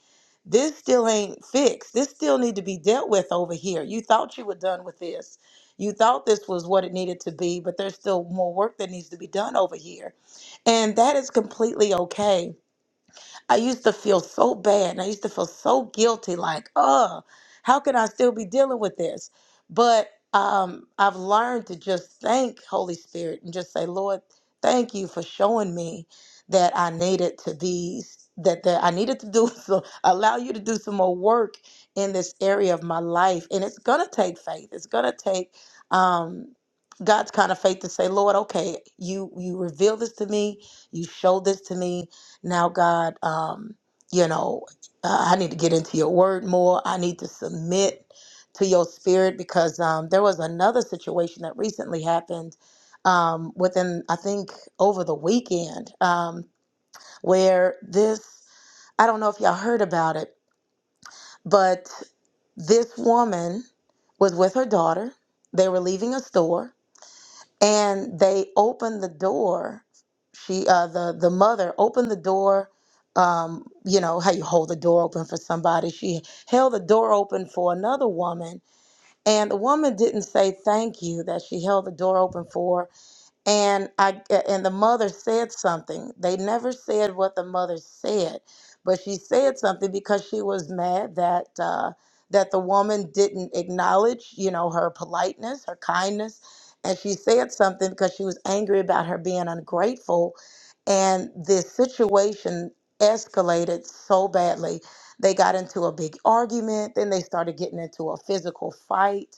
this still ain't fixed this still need to be dealt with over here you thought you were done with this you thought this was what it needed to be but there's still more work that needs to be done over here and that is completely okay I used to feel so bad and I used to feel so guilty, like, oh, how can I still be dealing with this? But um, I've learned to just thank Holy Spirit and just say, Lord, thank you for showing me that I needed to be that, that I needed to do some allow you to do some more work in this area of my life. And it's gonna take faith. It's gonna take um God's kind of faith to say, Lord, okay, you you reveal this to me, you show this to me, now, God, um, you know, uh, I need to get into your word more. I need to submit to your spirit because um, there was another situation that recently happened um, within, I think, over the weekend um, where this, I don't know if y'all heard about it, but this woman was with her daughter. They were leaving a store and they opened the door she uh the the mother opened the door um you know how you hold the door open for somebody she held the door open for another woman and the woman didn't say thank you that she held the door open for and I and the mother said something. They never said what the mother said, but she said something because she was mad that uh, that the woman didn't acknowledge, you know, her politeness, her kindness, and she said something because she was angry about her being ungrateful, and this situation escalated so badly. They got into a big argument, then they started getting into a physical fight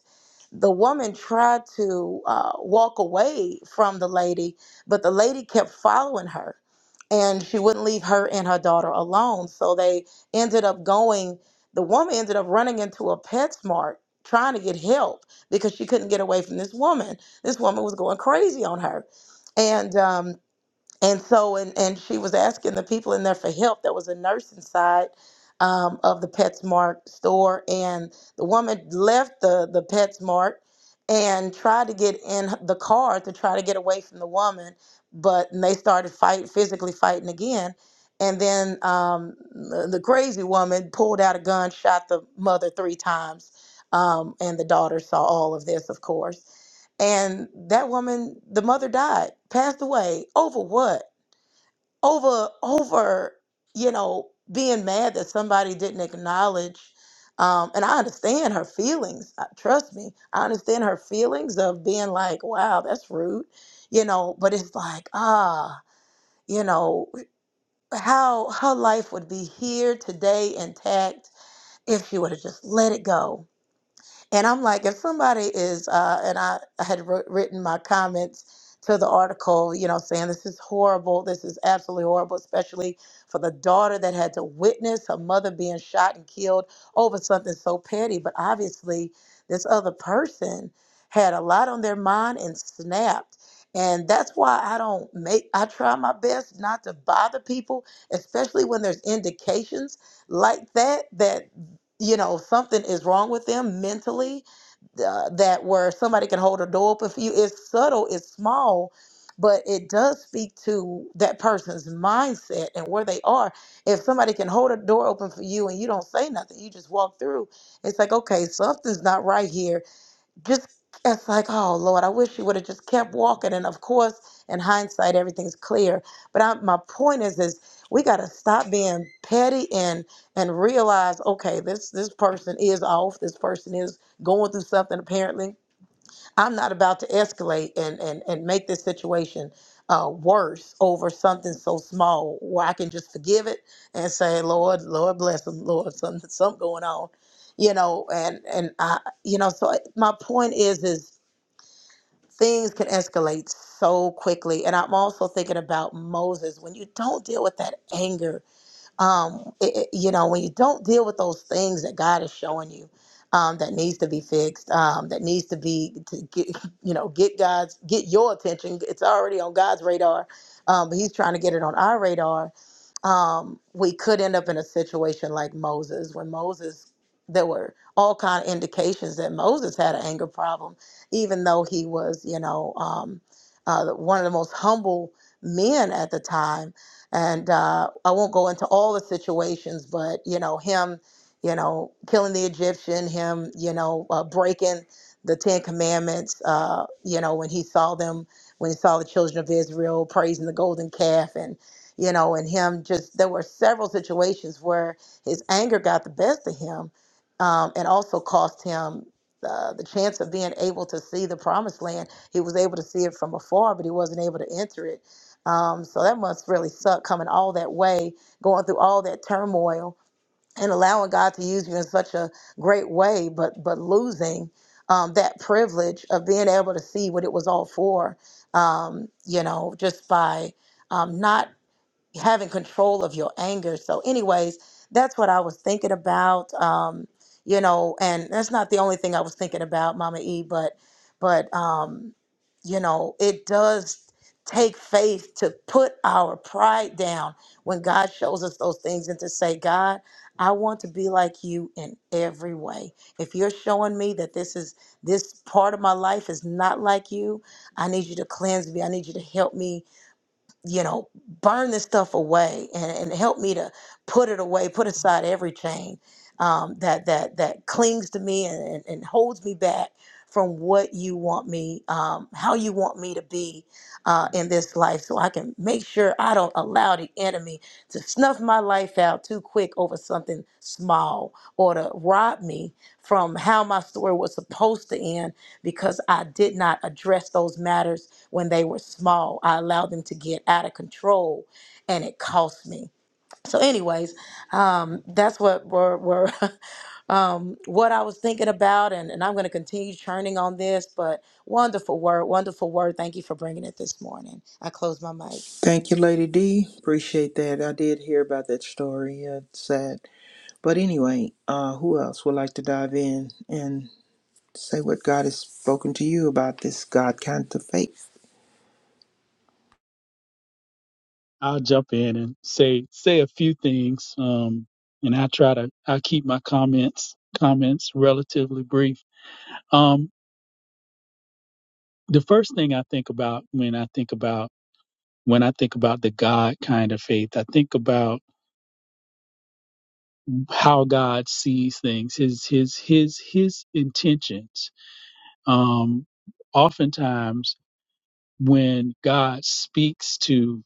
the woman tried to uh, walk away from the lady, but the lady kept following her and she wouldn't leave her and her daughter alone. So they ended up going, the woman ended up running into a PetSmart trying to get help because she couldn't get away from this woman. This woman was going crazy on her. And um, and so and and she was asking the people in there for help there was a nurse inside um, of the PetSmart store and the woman left the the PetSmart and tried to get in the car to try to get away from the woman but and they started fight physically fighting again and then um, the the crazy woman pulled out a gun shot the mother three times um, and the daughter saw all of this of course and that woman the mother died passed away over what over over you know being mad that somebody didn't acknowledge um and i understand her feelings uh, trust me i understand her feelings of being like wow that's rude you know but it's like ah you know how her life would be here today intact if she would have just let it go and I'm like, if somebody is, uh, and I, I had wrote, written my comments to the article, you know, saying this is horrible. This is absolutely horrible, especially for the daughter that had to witness her mother being shot and killed over something so petty. But obviously, this other person had a lot on their mind and snapped. And that's why I don't make, I try my best not to bother people, especially when there's indications like that, that you know something is wrong with them mentally uh, that where somebody can hold a door open for you it's subtle it's small but it does speak to that person's mindset and where they are if somebody can hold a door open for you and you don't say nothing you just walk through it's like okay something's not right here just it's like, oh Lord, I wish you would have just kept walking. And of course, in hindsight, everything's clear. But I, my point is, is we got to stop being petty and and realize, okay, this this person is off. This person is going through something apparently I'm not about to escalate and and and make this situation uh, worse over something so small where I can just forgive it and say, Lord, Lord bless them, Lord, something something going on, you know. And and I, you know, so my point is, is things can escalate so quickly. And I'm also thinking about Moses when you don't deal with that anger um, it, it- you know, when you don't deal with those things that God is showing you um, that needs to be fixed, um, that needs to be to get, you know, get God's, get your attention. It's already on God's radar, um, but He's trying to get it on our radar um, we could end up in a situation like Moses, when Moses, there were all kind of indications that Moses had an anger problem, even though he was, you know, um, uh, one of the most humble men at the time. And uh, I won't go into all the situations, but you know, him, you know, killing the Egyptian, him, you know, uh, breaking the Ten Commandments, uh, you know, when he saw them, when he saw the children of Israel praising the golden calf and you know, and him just there were several situations where his anger got the best of him, um, and also cost him uh, the chance of being able to see the promised land. He was able to see it from afar, but he wasn't able to enter it. Um, so that must really suck coming all that way, going through all that turmoil, and allowing God to use you in such a great way, but but losing um, that privilege of being able to see what it was all for, um, you know, just by um, not having control of your anger. So, anyways, that's what I was thinking about. Um, you know, and that's not the only thing I was thinking about, Mama E, but but um, you know, it does take faith to put our pride down when God shows us those things and to say, God, I want to be like you in every way. If you're showing me that this is this part of my life is not like you, I need you to cleanse me. I need you to help me you know, burn this stuff away and, and help me to put it away, put aside every chain um, that that that clings to me and, and, and holds me back from what you want me, um, how you want me to be uh, in this life, so I can make sure I don't allow the enemy to snuff my life out too quick over something small or to rob me from how my story was supposed to end because I did not address those matters when they were small. I allowed them to get out of control and it cost me. So, anyways, um, that's what we're we're um, what I was thinking about. And, and I'm going to continue churning on this, but wonderful word, wonderful word. Thank you for bringing it this morning. I close my mic. Thank you, Lady D. Appreciate that. I did hear about that story. Uh, It's sad. But anyway, uh, who else would like to dive in and say what God has spoken to you about this God kind of faith? I'll jump in and say say a few things. Um, and I try to I keep my comments comments relatively brief. Um, the first thing I think about when I think about when I think about the God kind of faith, I think about how God sees things, his his his his intentions. Um, oftentimes when God speaks to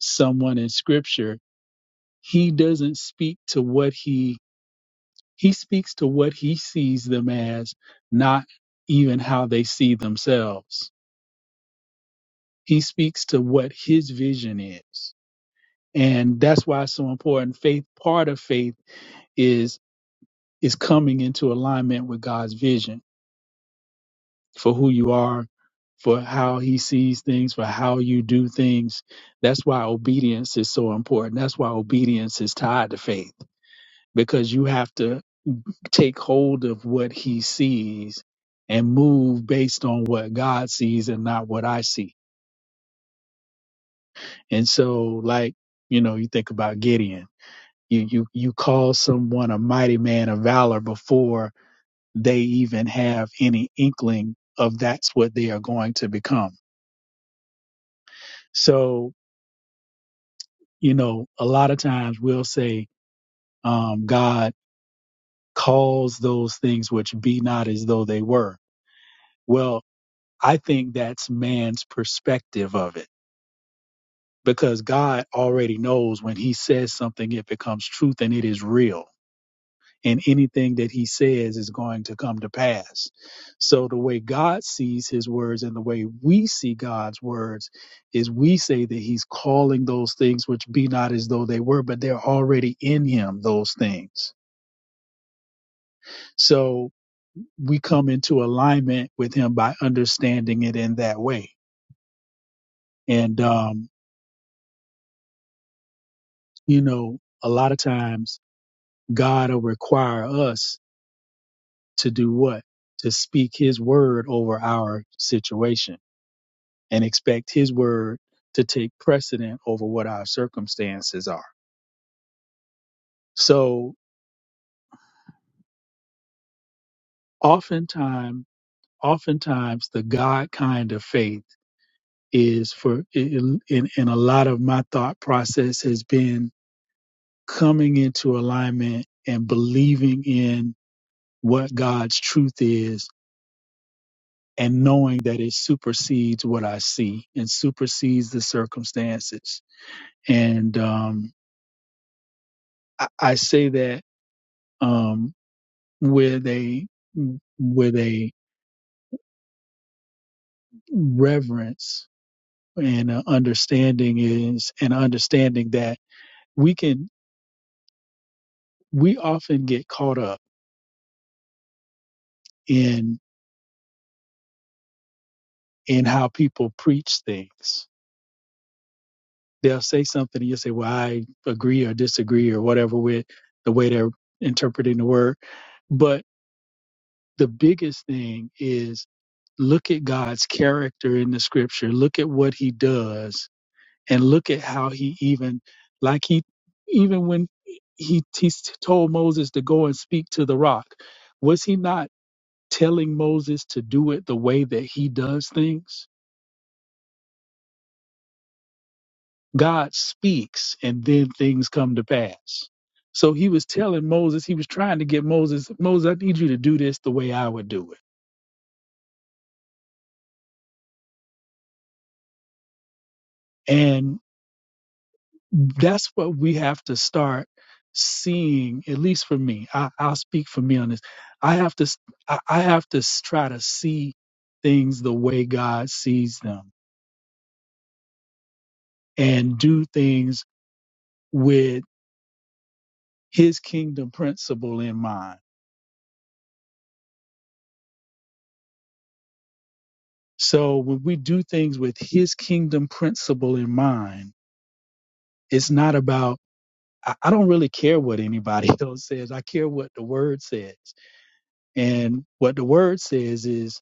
someone in Scripture, He doesn't speak to what He He speaks to what he sees them as, not even how they see themselves. He speaks to what his vision is. And that's why it's so important. Faith, part of faith is, is coming into alignment with God's vision for who you are, for how he sees things, for how you do things. That's why obedience is so important. That's why obedience is tied to faith because you have to take hold of what he sees and move based on what God sees and not what I see. And so, like, you know, you think about Gideon. You you you call someone a mighty man of valor before they even have any inkling of that's what they are going to become. So, you know, a lot of times we'll say, um, God calls those things which be not as though they were. Well, I think that's man's perspective of it because God already knows when he says something, it becomes truth and it is real. And anything that he says is going to come to pass. So the way God sees his words and the way we see God's words is we say that he's calling those things which be not as though they were, but they're already in him, those things. So we come into alignment with him by understanding it in that way. And, um, you know, a lot of times God will require us to do what? To speak his word over our situation and expect his word to take precedent over what our circumstances are. So oftentimes, oftentimes the God kind of faith is for in, in, in a lot of my thought process has been coming into alignment and believing in what God's truth is and knowing that it supersedes what I see and supersedes the circumstances and um, I, I say that um, with a with a reverence and a understanding is an understanding that we can we often get caught up in in how people preach things. They'll say something and you'll say, "Well, I agree or disagree or whatever with the way they're interpreting the word." But the biggest thing is look at God's character in the scripture. Look at what he does and look at how he even like he even when he, he told moses to go and speak to the rock was he not telling moses to do it the way that he does things god speaks and then things come to pass so he was telling moses he was trying to get moses moses i need you to do this the way i would do it and. that's what we have to start seeing at least for me I, i'll speak for me on this i have to I I have to s- try to see things the way god sees them and do things with his kingdom principle in mind so when we do things with his kingdom principle in mind it's not about i I don't really care what anybody else says i care what the word says and what the word says is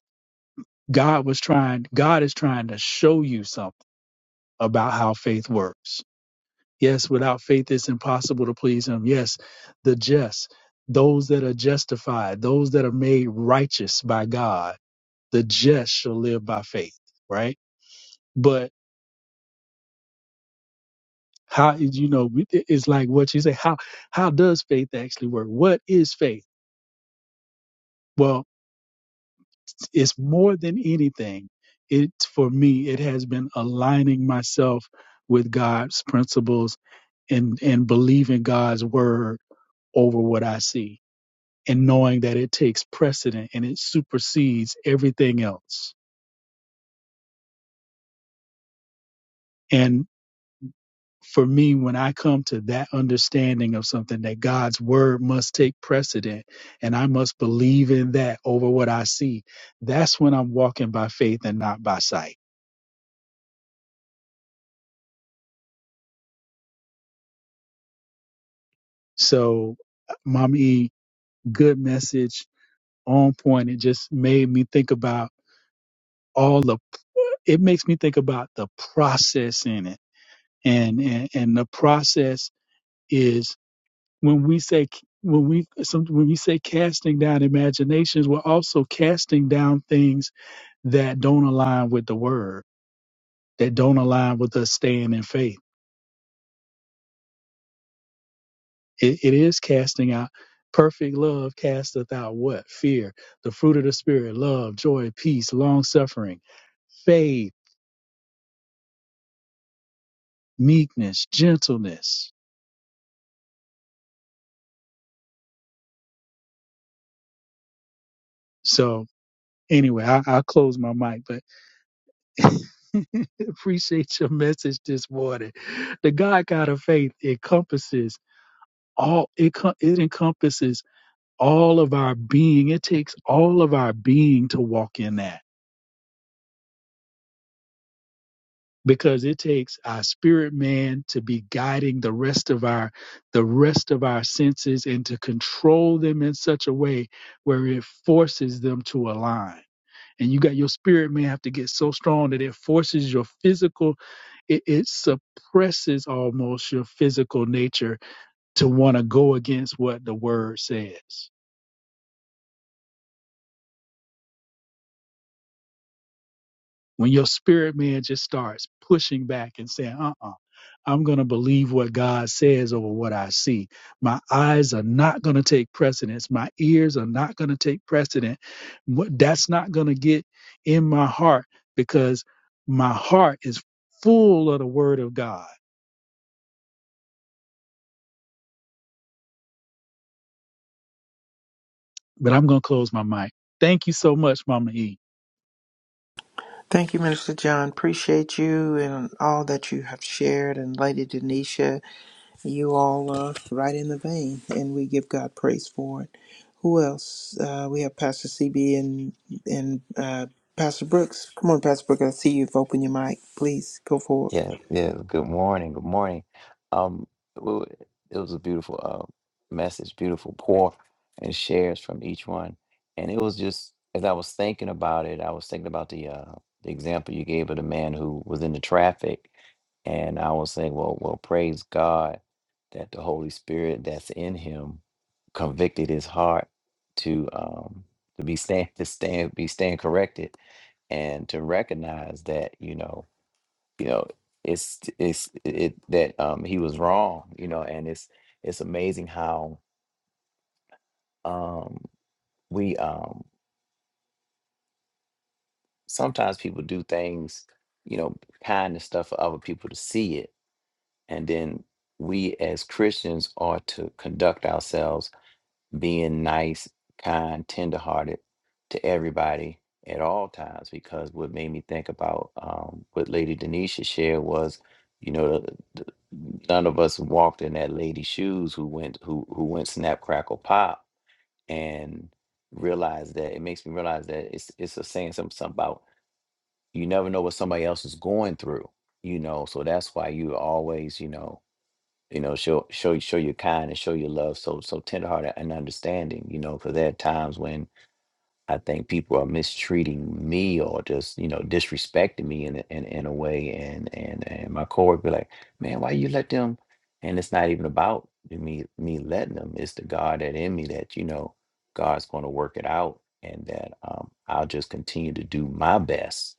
God was trying, God is trying to show you something about how faith works. Yes, without faith, it's impossible to please Him. Yes, the just, those that are justified, those that are made righteous by God, the just shall live by faith, right? But how, you know, it- it's like what you say, how, how does faith actually work? What is faith? Well, it's more than anything. It, for me, it has been aligning myself with God's principles and and believing God's word over what I see and knowing that it takes precedent and it supersedes everything else. And for me, when I come to that understanding of something that God's word must take precedent and I must believe in that over what I see, that's when I'm walking by faith and not by sight. So, Mom E, good message on point. It just made me think about all the, it makes me think about the process in it and and, and the process is when we say when we some, when we say casting down imaginations, we're also casting down things that don't align with the word, that don't align with us staying in faith. It, it is casting out. Perfect love casteth out what? Fear. The fruit of the spirit: love, joy, peace, long suffering, faith, meekness, gentleness. So anyway, I, I'll close my mic. But Appreciate your message this morning. The God kind of faith encompasses all. It co- it encompasses all of our being. It takes all of our being to walk in that because it takes our spirit man to be guiding the rest of our the rest of our senses and to control them in such a way where it forces them to align and you got your spirit man have to get so strong that it forces your physical it, it suppresses almost your physical nature to want to go against what the word says when your spirit man just starts pushing back and saying uh-uh i'm going to believe what god says over what i see my eyes are not going to take precedence my ears are not going to take precedent What- that's not going to get in my heart because my heart is full of the word of god But I'm going to close my mic. Thank you so much, Mama E. Thank you, Minister John. Appreciate you and all that you have shared. And Lady Denisha, you all are right in the vein, and we give God praise for it. Who else? Uh, we have Pastor CB and and uh, Pastor Brooks. Come on, Pastor Brooks. I see you've opened your mic. Please go forward. Yeah, yeah. Good morning. Good morning. Um, w- it was a beautiful uh message, beautiful pour and shares from each one. And it was just as I was thinking about it, I was thinking about the uh the example you gave of the man who was in the traffic, and I was saying, well, well, praise God that the Holy Spirit that's in him convicted his heart to um to be stand to stand be stand corrected and to recognize that you know you know it's it's it that um he was wrong you know and it's it's amazing how um we um sometimes people do things you know kind of stuff for other people to see it and then we as christians are to conduct ourselves being nice, kind, tenderhearted to everybody at all times. Because what made me think about um, what Lady Denisha shared was, you know, the, the, none of us walked in that lady's shoes who went who who went snap crackle pop and realized that it makes me realize that it's it's a saying something, something about you never know what somebody else is going through, you know. So that's why you always, you know you know show show you show your kind and show your love so so tenderhearted and understanding you know because there are times when i think people are mistreating me or just you know disrespecting me in a, in, in a way and and and my coworker be like man why you let them and it's not even about me me letting them it's the god that in me that you know god's going to work it out and that um, i'll just continue to do my best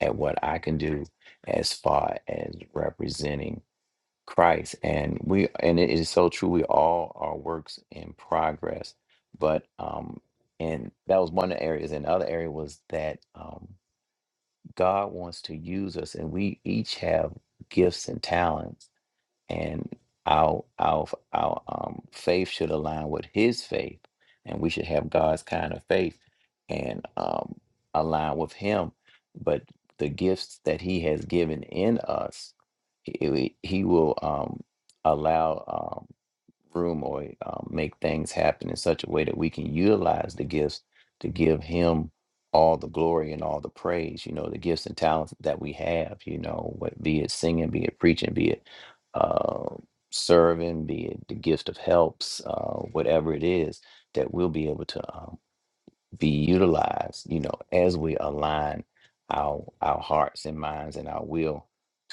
at what i can do as far as representing Christ. And we and it is so true. We all are works in progress. But um and that was one of the areas. And the other area was that um God wants to use us and we each have gifts and talents and our our f- our um, faith should align with His faith, and we should have God's kind of faith and um, align with Him. But the gifts that He has given in us, He, He will um, allow. Um, room or um, make things happen in such a way that we can utilize the gifts to give him all the glory and all the praise you know the gifts and talents that we have you know what be it singing be it preaching be it uh, serving be it the gift of helps uh, whatever it is that we'll be able to um, be utilized, you know, as we align our our hearts and minds and our will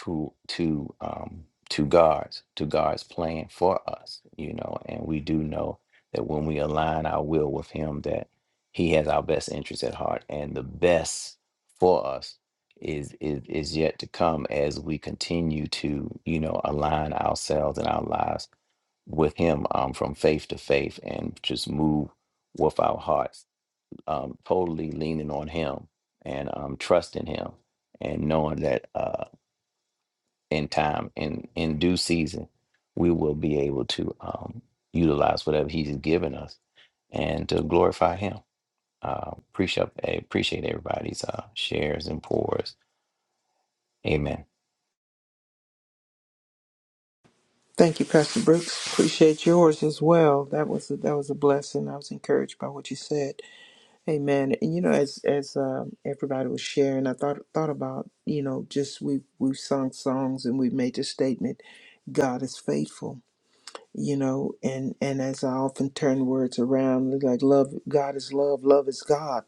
to to um to God's to God's plan for us, you know, and we do know that when we align our will with him that he has our best interest at heart and the best for us is is is yet to come as we continue to, you know, align ourselves and our lives with him um from faith to faith and just move with our hearts um, totally leaning on him and um, trusting him and knowing that uh, in time in in due season we will be able to um, utilize whatever he's given us and to glorify him uh, appreciate appreciate everybody's uh, shares and pours amen Thank you, Pastor Brooks. Appreciate yours as well. That was a, that was a blessing. I was encouraged by what you said. Amen. And you know, as as um, everybody was sharing, I thought thought about you know just we we've sung songs and we've made the statement, God is faithful. You know, and and as I often turn words around, it's like love, God is love, love is God.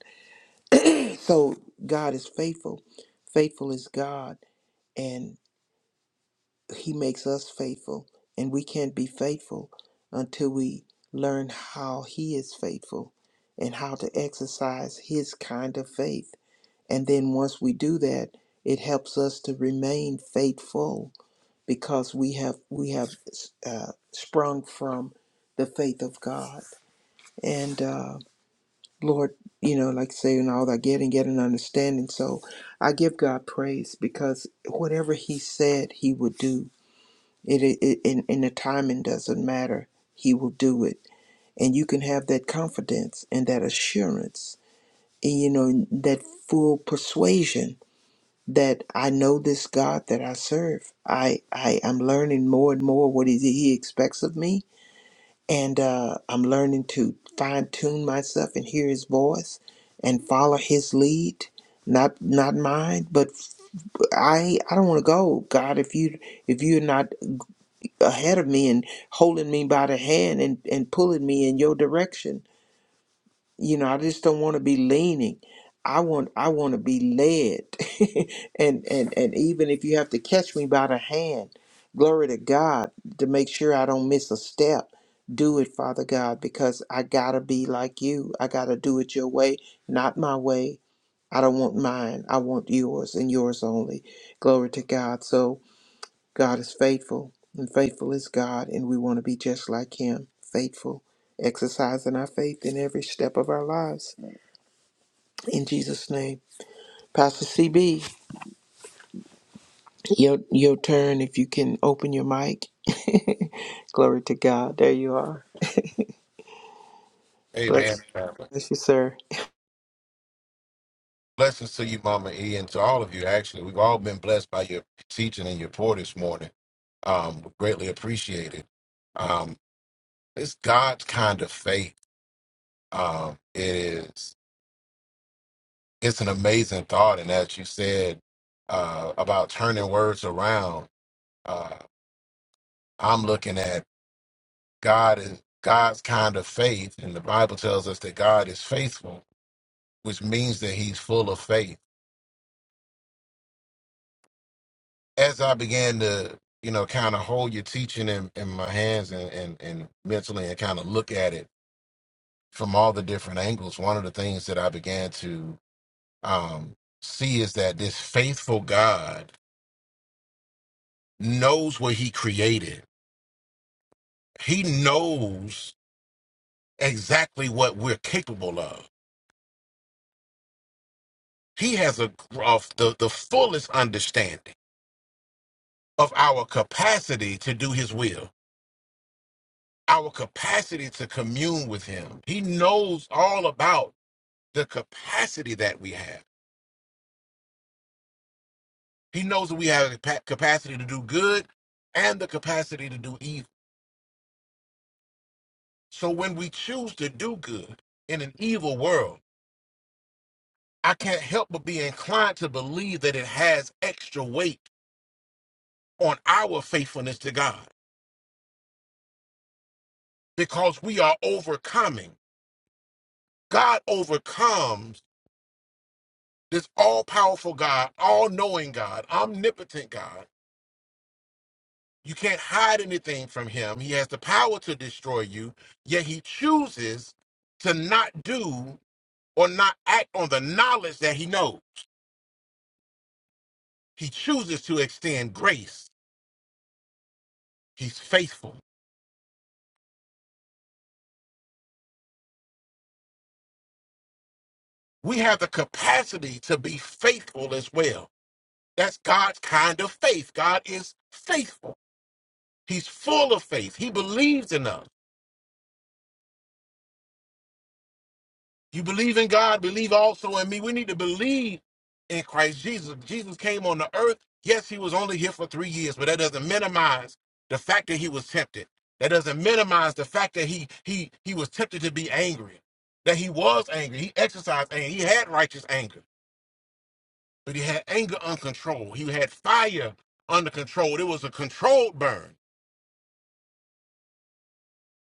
So God is faithful, faithful is God, and He makes us faithful, and we can't be faithful until we learn how He is faithful, and how to exercise His kind of faith And then once we do that, it helps us to remain faithful because we have we have uh, sprung from the faith of God. And uh, Lord, you know, like saying all that get and get an understanding. So I give God praise because whatever He said He would do, it, it, it in, in the timing doesn't matter. He will do it, and you can have that confidence and that assurance, and you know that full persuasion that I know this God that I serve. I, I am learning more and more what he, he expects of me, and uh, I'm learning to fine tune myself and hear His voice and follow His lead, not not mine. But f- I I don't want to go, God. If you if you're not ahead of me and holding me by the hand and and pulling me in your direction, you know i just don't want to be leaning i want i want to be led and and and even if you have to catch me by the hand glory to god to make sure i don't miss a step do it father god because i gotta be like you i gotta do it your way not my way i don't want mine i want yours and yours only glory to god so god is faithful and faithful is god and we want to be just like him faithful exercising our faith in every step of our lives in Jesus' name. Pastor CB, your, your turn if you can open your mic. Glory to God. There you are. Amen. Bless, Amen. family. bless you, sir. Blessings to you, Mama E, and to all of you. Actually, we've all been blessed by your teaching and your pour this morning. Um, greatly appreciated. Um, it's God's kind of faith. Um, it is. It's an amazing thought, and as you said uh, about turning words around, uh, I'm looking at. God is God's kind of faith, and the Bible tells us that God is faithful, which means that He's full of faith. As I began to, you know, kind of hold your teaching in, in my hands and, and and mentally, and kind of look at it from all the different angles, one of the things that I began to um, see is that this faithful God knows what He created. He knows exactly what we're capable of. He has a of the, the fullest understanding of our capacity to do his will, our capacity to commune with him. He knows all about the capacity that we have. He knows that we have the pa- capacity to do good and the capacity to do evil. So when we choose to do good in an evil world, I can't help but be inclined to believe that it has extra weight on our faithfulness to God because we are overcoming. God overcomes this all powerful God, all knowing God, omnipotent God. You can't hide anything from him. He has the power to destroy you, yet he chooses to not do or not act on the knowledge that he knows. He chooses to extend grace. He's faithful. We have the capacity to be faithful as well. That's God's kind of faith. God is faithful. He's full of faith. He believes in us. You believe in God, believe also in me. We need to believe in Christ Jesus. Jesus came on the earth. Yes, he was only here for three years, but that doesn't minimize the fact that he was tempted. That doesn't minimize the fact that he he he was tempted to be angry. That he was angry. He exercised anger. He had righteous anger, but he had anger uncontrolled. He had fire under control. It was a controlled burn.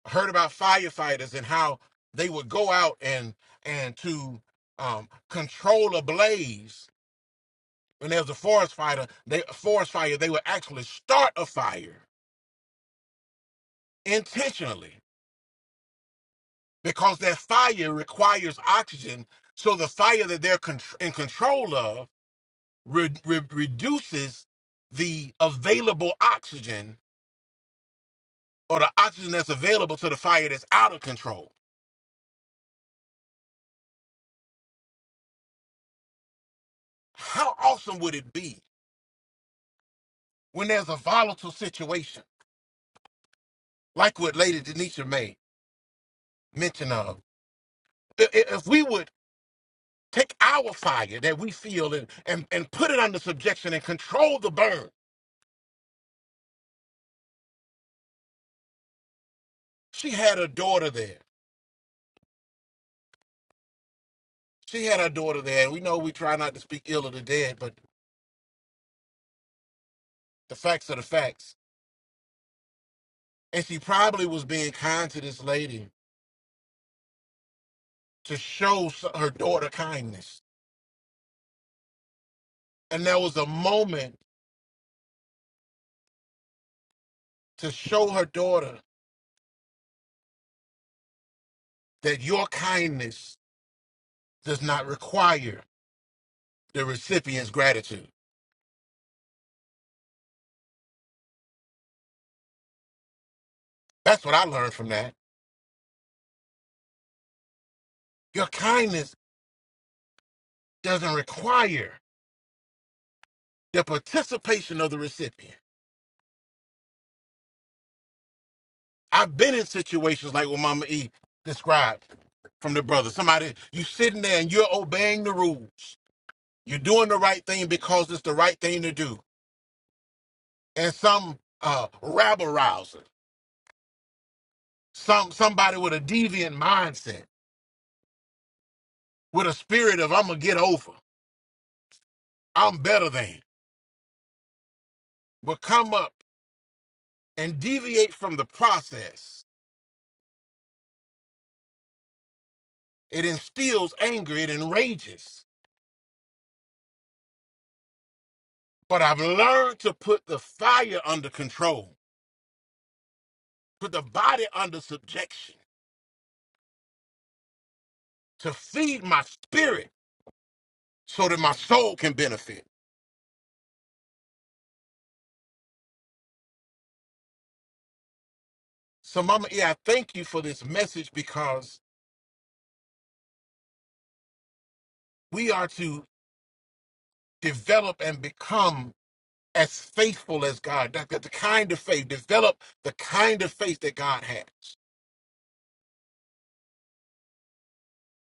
I heard about firefighters and how they would go out and and to um, control a blaze when there was a forest fire, they forest fire, they would actually start a fire intentionally because that fire requires oxygen. So the fire that they're con- in control of re- re- reduces the available oxygen or the oxygen that's available to the fire that's out of control. How awesome would it be when there's a volatile situation like what Lady Denisha May mentioned of? I- i- If we would Take our fire that we feel and, and, and put it under subjection and control the burn. She had a daughter there. She had her daughter there. And we know we try not to speak ill of the dead, but the facts are the facts. And she probably was being kind to this lady to show s- her daughter kindness. And there was a moment to show her daughter that your kindness does not require the recipient's gratitude. That's what I learned from that. Your kindness doesn't require. the participation of the recipient. I've been in situations like what Mama E described from the brother. Somebody, you sitting there and you're obeying the rules. You're doing the right thing because it's the right thing to do. And some uh, rabble rouser, some somebody with a deviant mindset, with a spirit of I'm gonna get over, I'm better than, will come up and deviate from the process. It instills anger, it enrages. But I've learned to put the fire under control put the body under subjection to feed my spirit so that my soul can benefit. So, Mama E, I thank you for this message because we are to develop and become as faithful as God. That, that the kind of faith, develop the kind of faith that God has.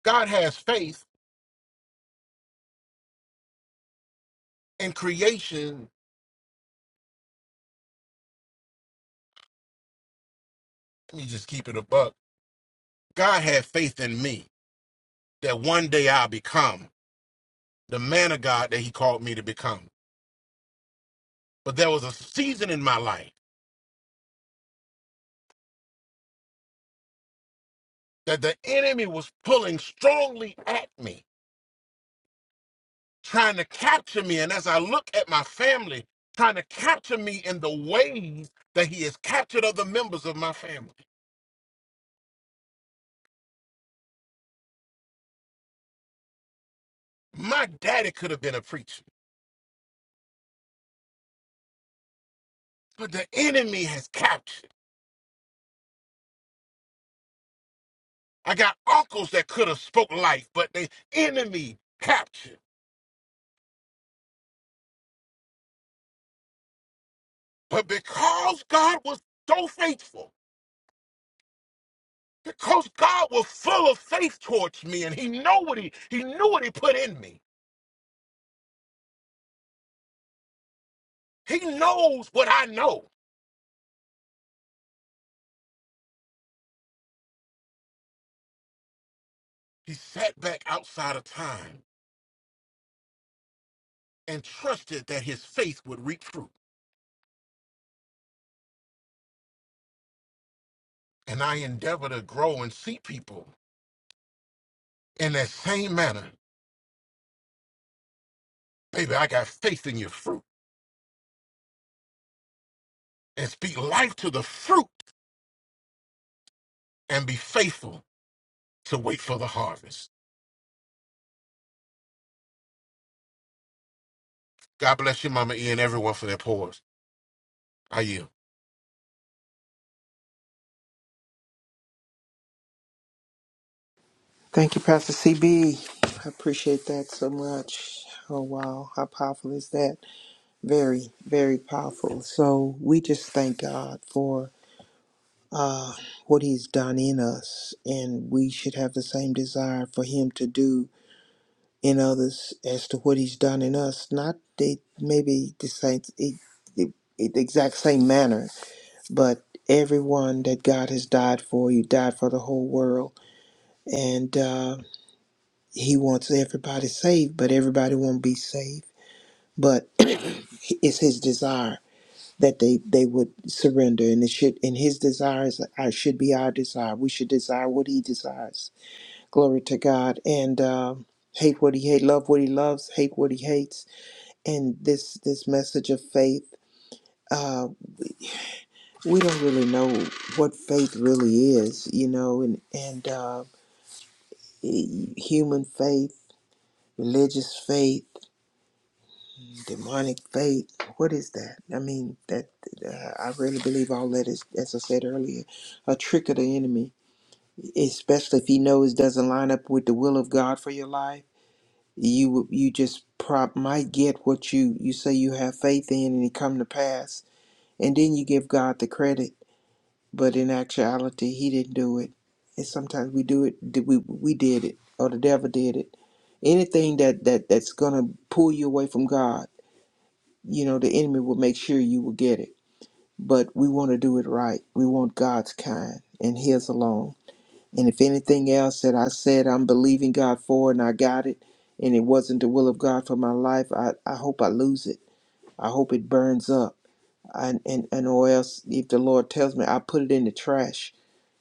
God has faith in creation. Let me just keep it a buck. God had faith in me that one day I'll become the man of God that He called me to become. But there was a season in my life that the enemy was pulling strongly at me, trying to capture me. And as I look at my family, trying to capture me in the ways that he has captured other members of my family. My daddy could have been a preacher, but the enemy has captured. I got uncles that could have spoke life, but the enemy captured. But because God was so faithful, because God was full of faith towards me, and He know what He He knew what He put in me. He knows what I know. He sat back outside of time and trusted that his faith would reap fruit. And I endeavor to grow and see people in that same manner. Baby, I got faith in your fruit. And speak life to the fruit and be faithful to wait for the harvest. God bless you, Mama E, and everyone for their pores. I yield. Thank you, Pastor CB. I appreciate that so much. Oh, wow. How powerful is that? Very, very powerful. So we just thank God for uh, what he's done in us, and we should have the same desire for him to do in others as to what he's done in us not they maybe the same it, it, it, exact same manner but everyone that god has died for you died for the whole world and uh, he wants everybody saved but everybody won't be saved but it's his desire that they they would surrender and it should and his desires are, should be our desire we should desire what he desires glory to god and um hate what he hates love what he loves hate what he hates and this this message of faith uh, we don't really know what faith really is you know and and uh, e- human faith religious faith demonic faith what is that i mean that uh, i really believe all that is as i said earlier a trick of the enemy especially if he knows it doesn't line up with the will of god for your life you you just prop might get what you you say you have faith in and it come to pass and then you give god the credit but in actuality he didn't do it and sometimes we do it we we did it or the devil did it anything that that that's gonna pull you away from god you know the enemy will make sure you will get it but we want to do it right we want god's kind and his alone and if anything else that i said i'm believing god for and i got it and it wasn't the will of god for my life i, I hope i lose it i hope it burns up and, and and or else if the lord tells me i put it in the trash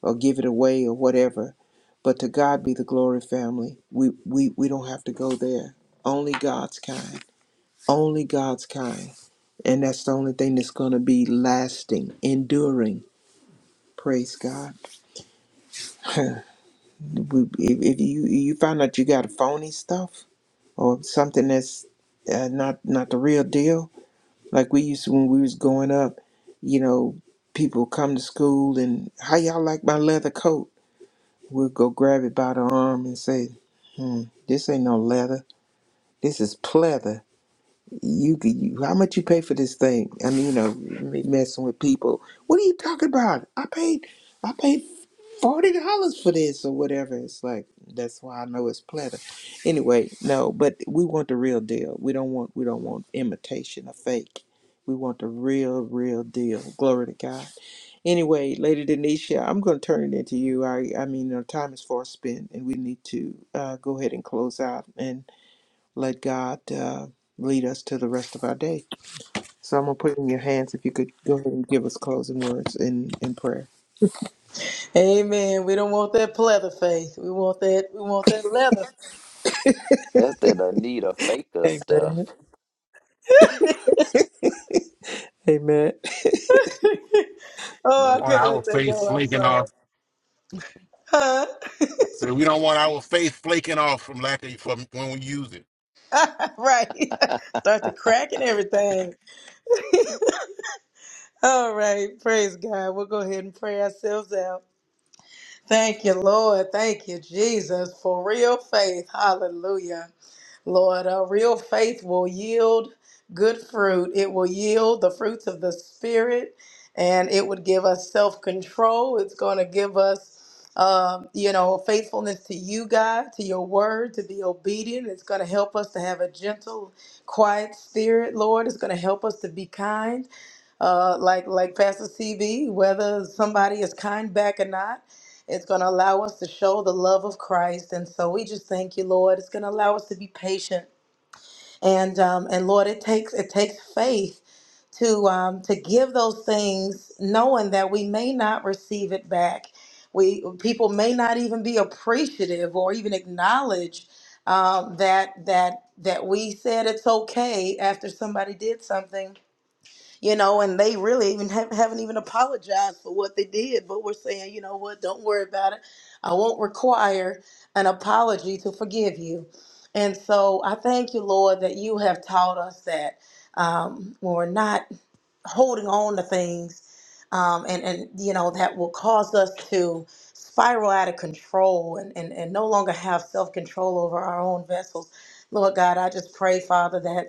or give it away or whatever. But to God be the glory, family. We we we don't have to go there. Only God's kind. Only God's kind. And that's the only thing that's going to be lasting, enduring. Praise God. We- if if you you find out you got phony stuff or something that's uh, not not the real deal, like we used to when we was growing up, you know, people come to school and how y'all like my leather coat? We'll go grab it by the arm and say, hmm, this ain't no leather. This is pleather. You, could- you how much you pay for this thing? I mean, you know, me messing with people. What are you talking about? I paid, I paid forty dollars for this or whatever. It's like that's why I know it's pleather. Anyway, no, but we want the real deal. We don't want, we don't want imitation or fake. We want the real, real deal. Glory to God. Anyway, Lady Denisha, I'm going to turn it into you. I, I mean, our time is far spent, and we need to uh, go ahead and close out and let God uh, lead us to the rest of our day. So I'm going to put it in your hands if you could go ahead and give us closing words in, in prayer. Amen. We don't want that pleather faith. We want that. We want that leather. Amen. Amen. I don't Oh, I want couldn't our let that faith go. I'm flaking sorry. off. Huh? I said, we don't want our faith flaking off from lack of from when we use it. Right. Start to crack and everything. All right, praise God. We'll go ahead and pray ourselves out. Thank you, Lord. Thank you, Jesus, for real faith. Hallelujah. Lord, a real faith will yield good fruit. It will yield the fruits of the Spirit, and it would give us self control. It's going to give us, um, you know, faithfulness to you, God, to your word, to be obedient. It's going to help us to have a gentle, quiet spirit, Lord. It's going to help us to be kind uh, like like Pastor CB, whether somebody is kind back or not. It's going to allow us to show the love of Christ, and so we just thank you, Lord. It's going to allow us to be patient, and um, and Lord, it takes it takes faith to um, to give those things, knowing that we may not receive it back. We people may not even be appreciative or even acknowledge um, that that that we said it's okay after somebody did something you know, and they really even have, haven't even apologized for what they did, but we're saying, you know what, don't worry about it. I won't require an apology to forgive you. And so I thank you, Lord, that you have taught us that um, when we're not holding on to things um, and, and, you know, that will cause us to spiral out of control and, and, and no longer have self control over our own vessels. Lord God, I just pray, Father, that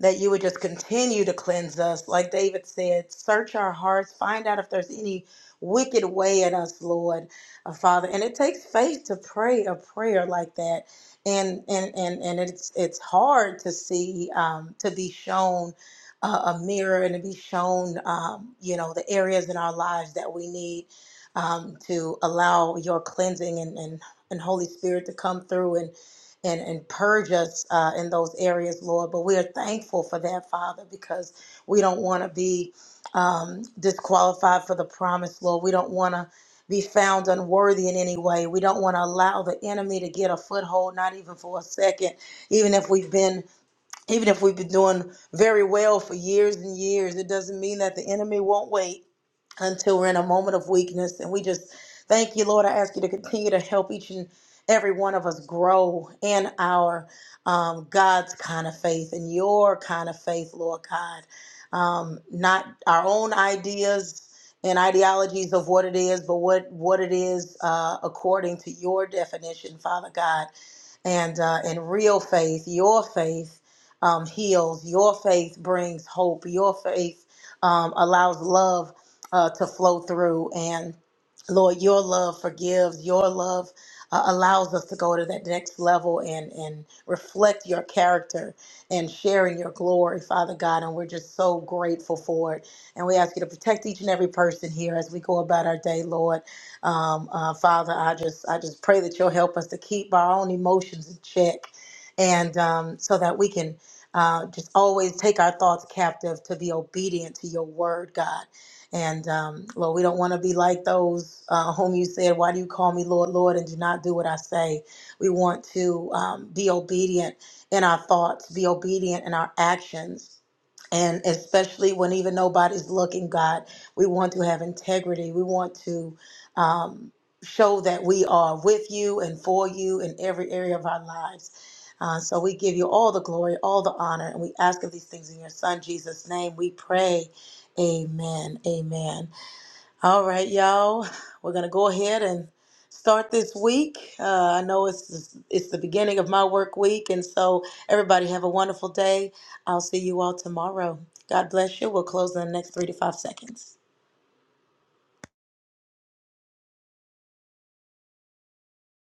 that you would just continue to cleanse us. Like David said, search our hearts, find out if there's any wicked way in us, Lord, uh, Father. And it takes faith to pray a prayer like that. And, and, and, and it's, it's hard to see, um, to be shown a, a mirror and to be shown, um, you know, the areas in our lives that we need um, to allow your cleansing and, and, and Holy Spirit to come through and and, and purge us uh, in those areas, Lord. But we are thankful for that, Father, because we don't want to be um, disqualified for the promise, Lord. We don't want to be found unworthy in any way. We don't want to allow the enemy to get a foothold, not even for a second, even if we've been even if we've been doing very well for years and years, it doesn't mean that the enemy won't wait until we're in a moment of weakness. And we just thank you, Lord. I ask you to continue to help each and every one of us grow in our um, God's kind of faith and your kind of faith, Lord God. Um, not our own ideas and ideologies of what it is, but what, what it is uh, according to your definition, Father God and uh, and real faith, your faith, um, heals. Your faith brings hope. Your faith um, allows love uh, to flow through. And Lord, your love forgives. Your love uh, allows us to go to that next level and, and reflect your character and share in your glory, Father God. And we're just so grateful for it. And we ask you to protect each and every person here as we go about our day, Lord. Um, uh, Father, I just I just pray that you'll help us to keep our own emotions in check, and um, so that we can uh, just always take our thoughts captive to be obedient to your word, God. And um, Lord, we don't want to be like those uh, whom you said, Why do you call me Lord, Lord, and do not do what I say? We want to um, be obedient in our thoughts, be obedient in our actions, and especially when even nobody's looking, God, we want to have integrity. We want to um, show that we are with you and for you in every area of our lives. Uh, so we give you all the glory, all the honor, and we ask of these things in your son Jesus' name. We pray. Amen. Amen. All right, y'all. We're gonna go ahead and start this week. Uh, I know it's it's the beginning of my work week, and so everybody have a wonderful day. I'll see you all tomorrow. God bless you. We'll close in the next three to five seconds.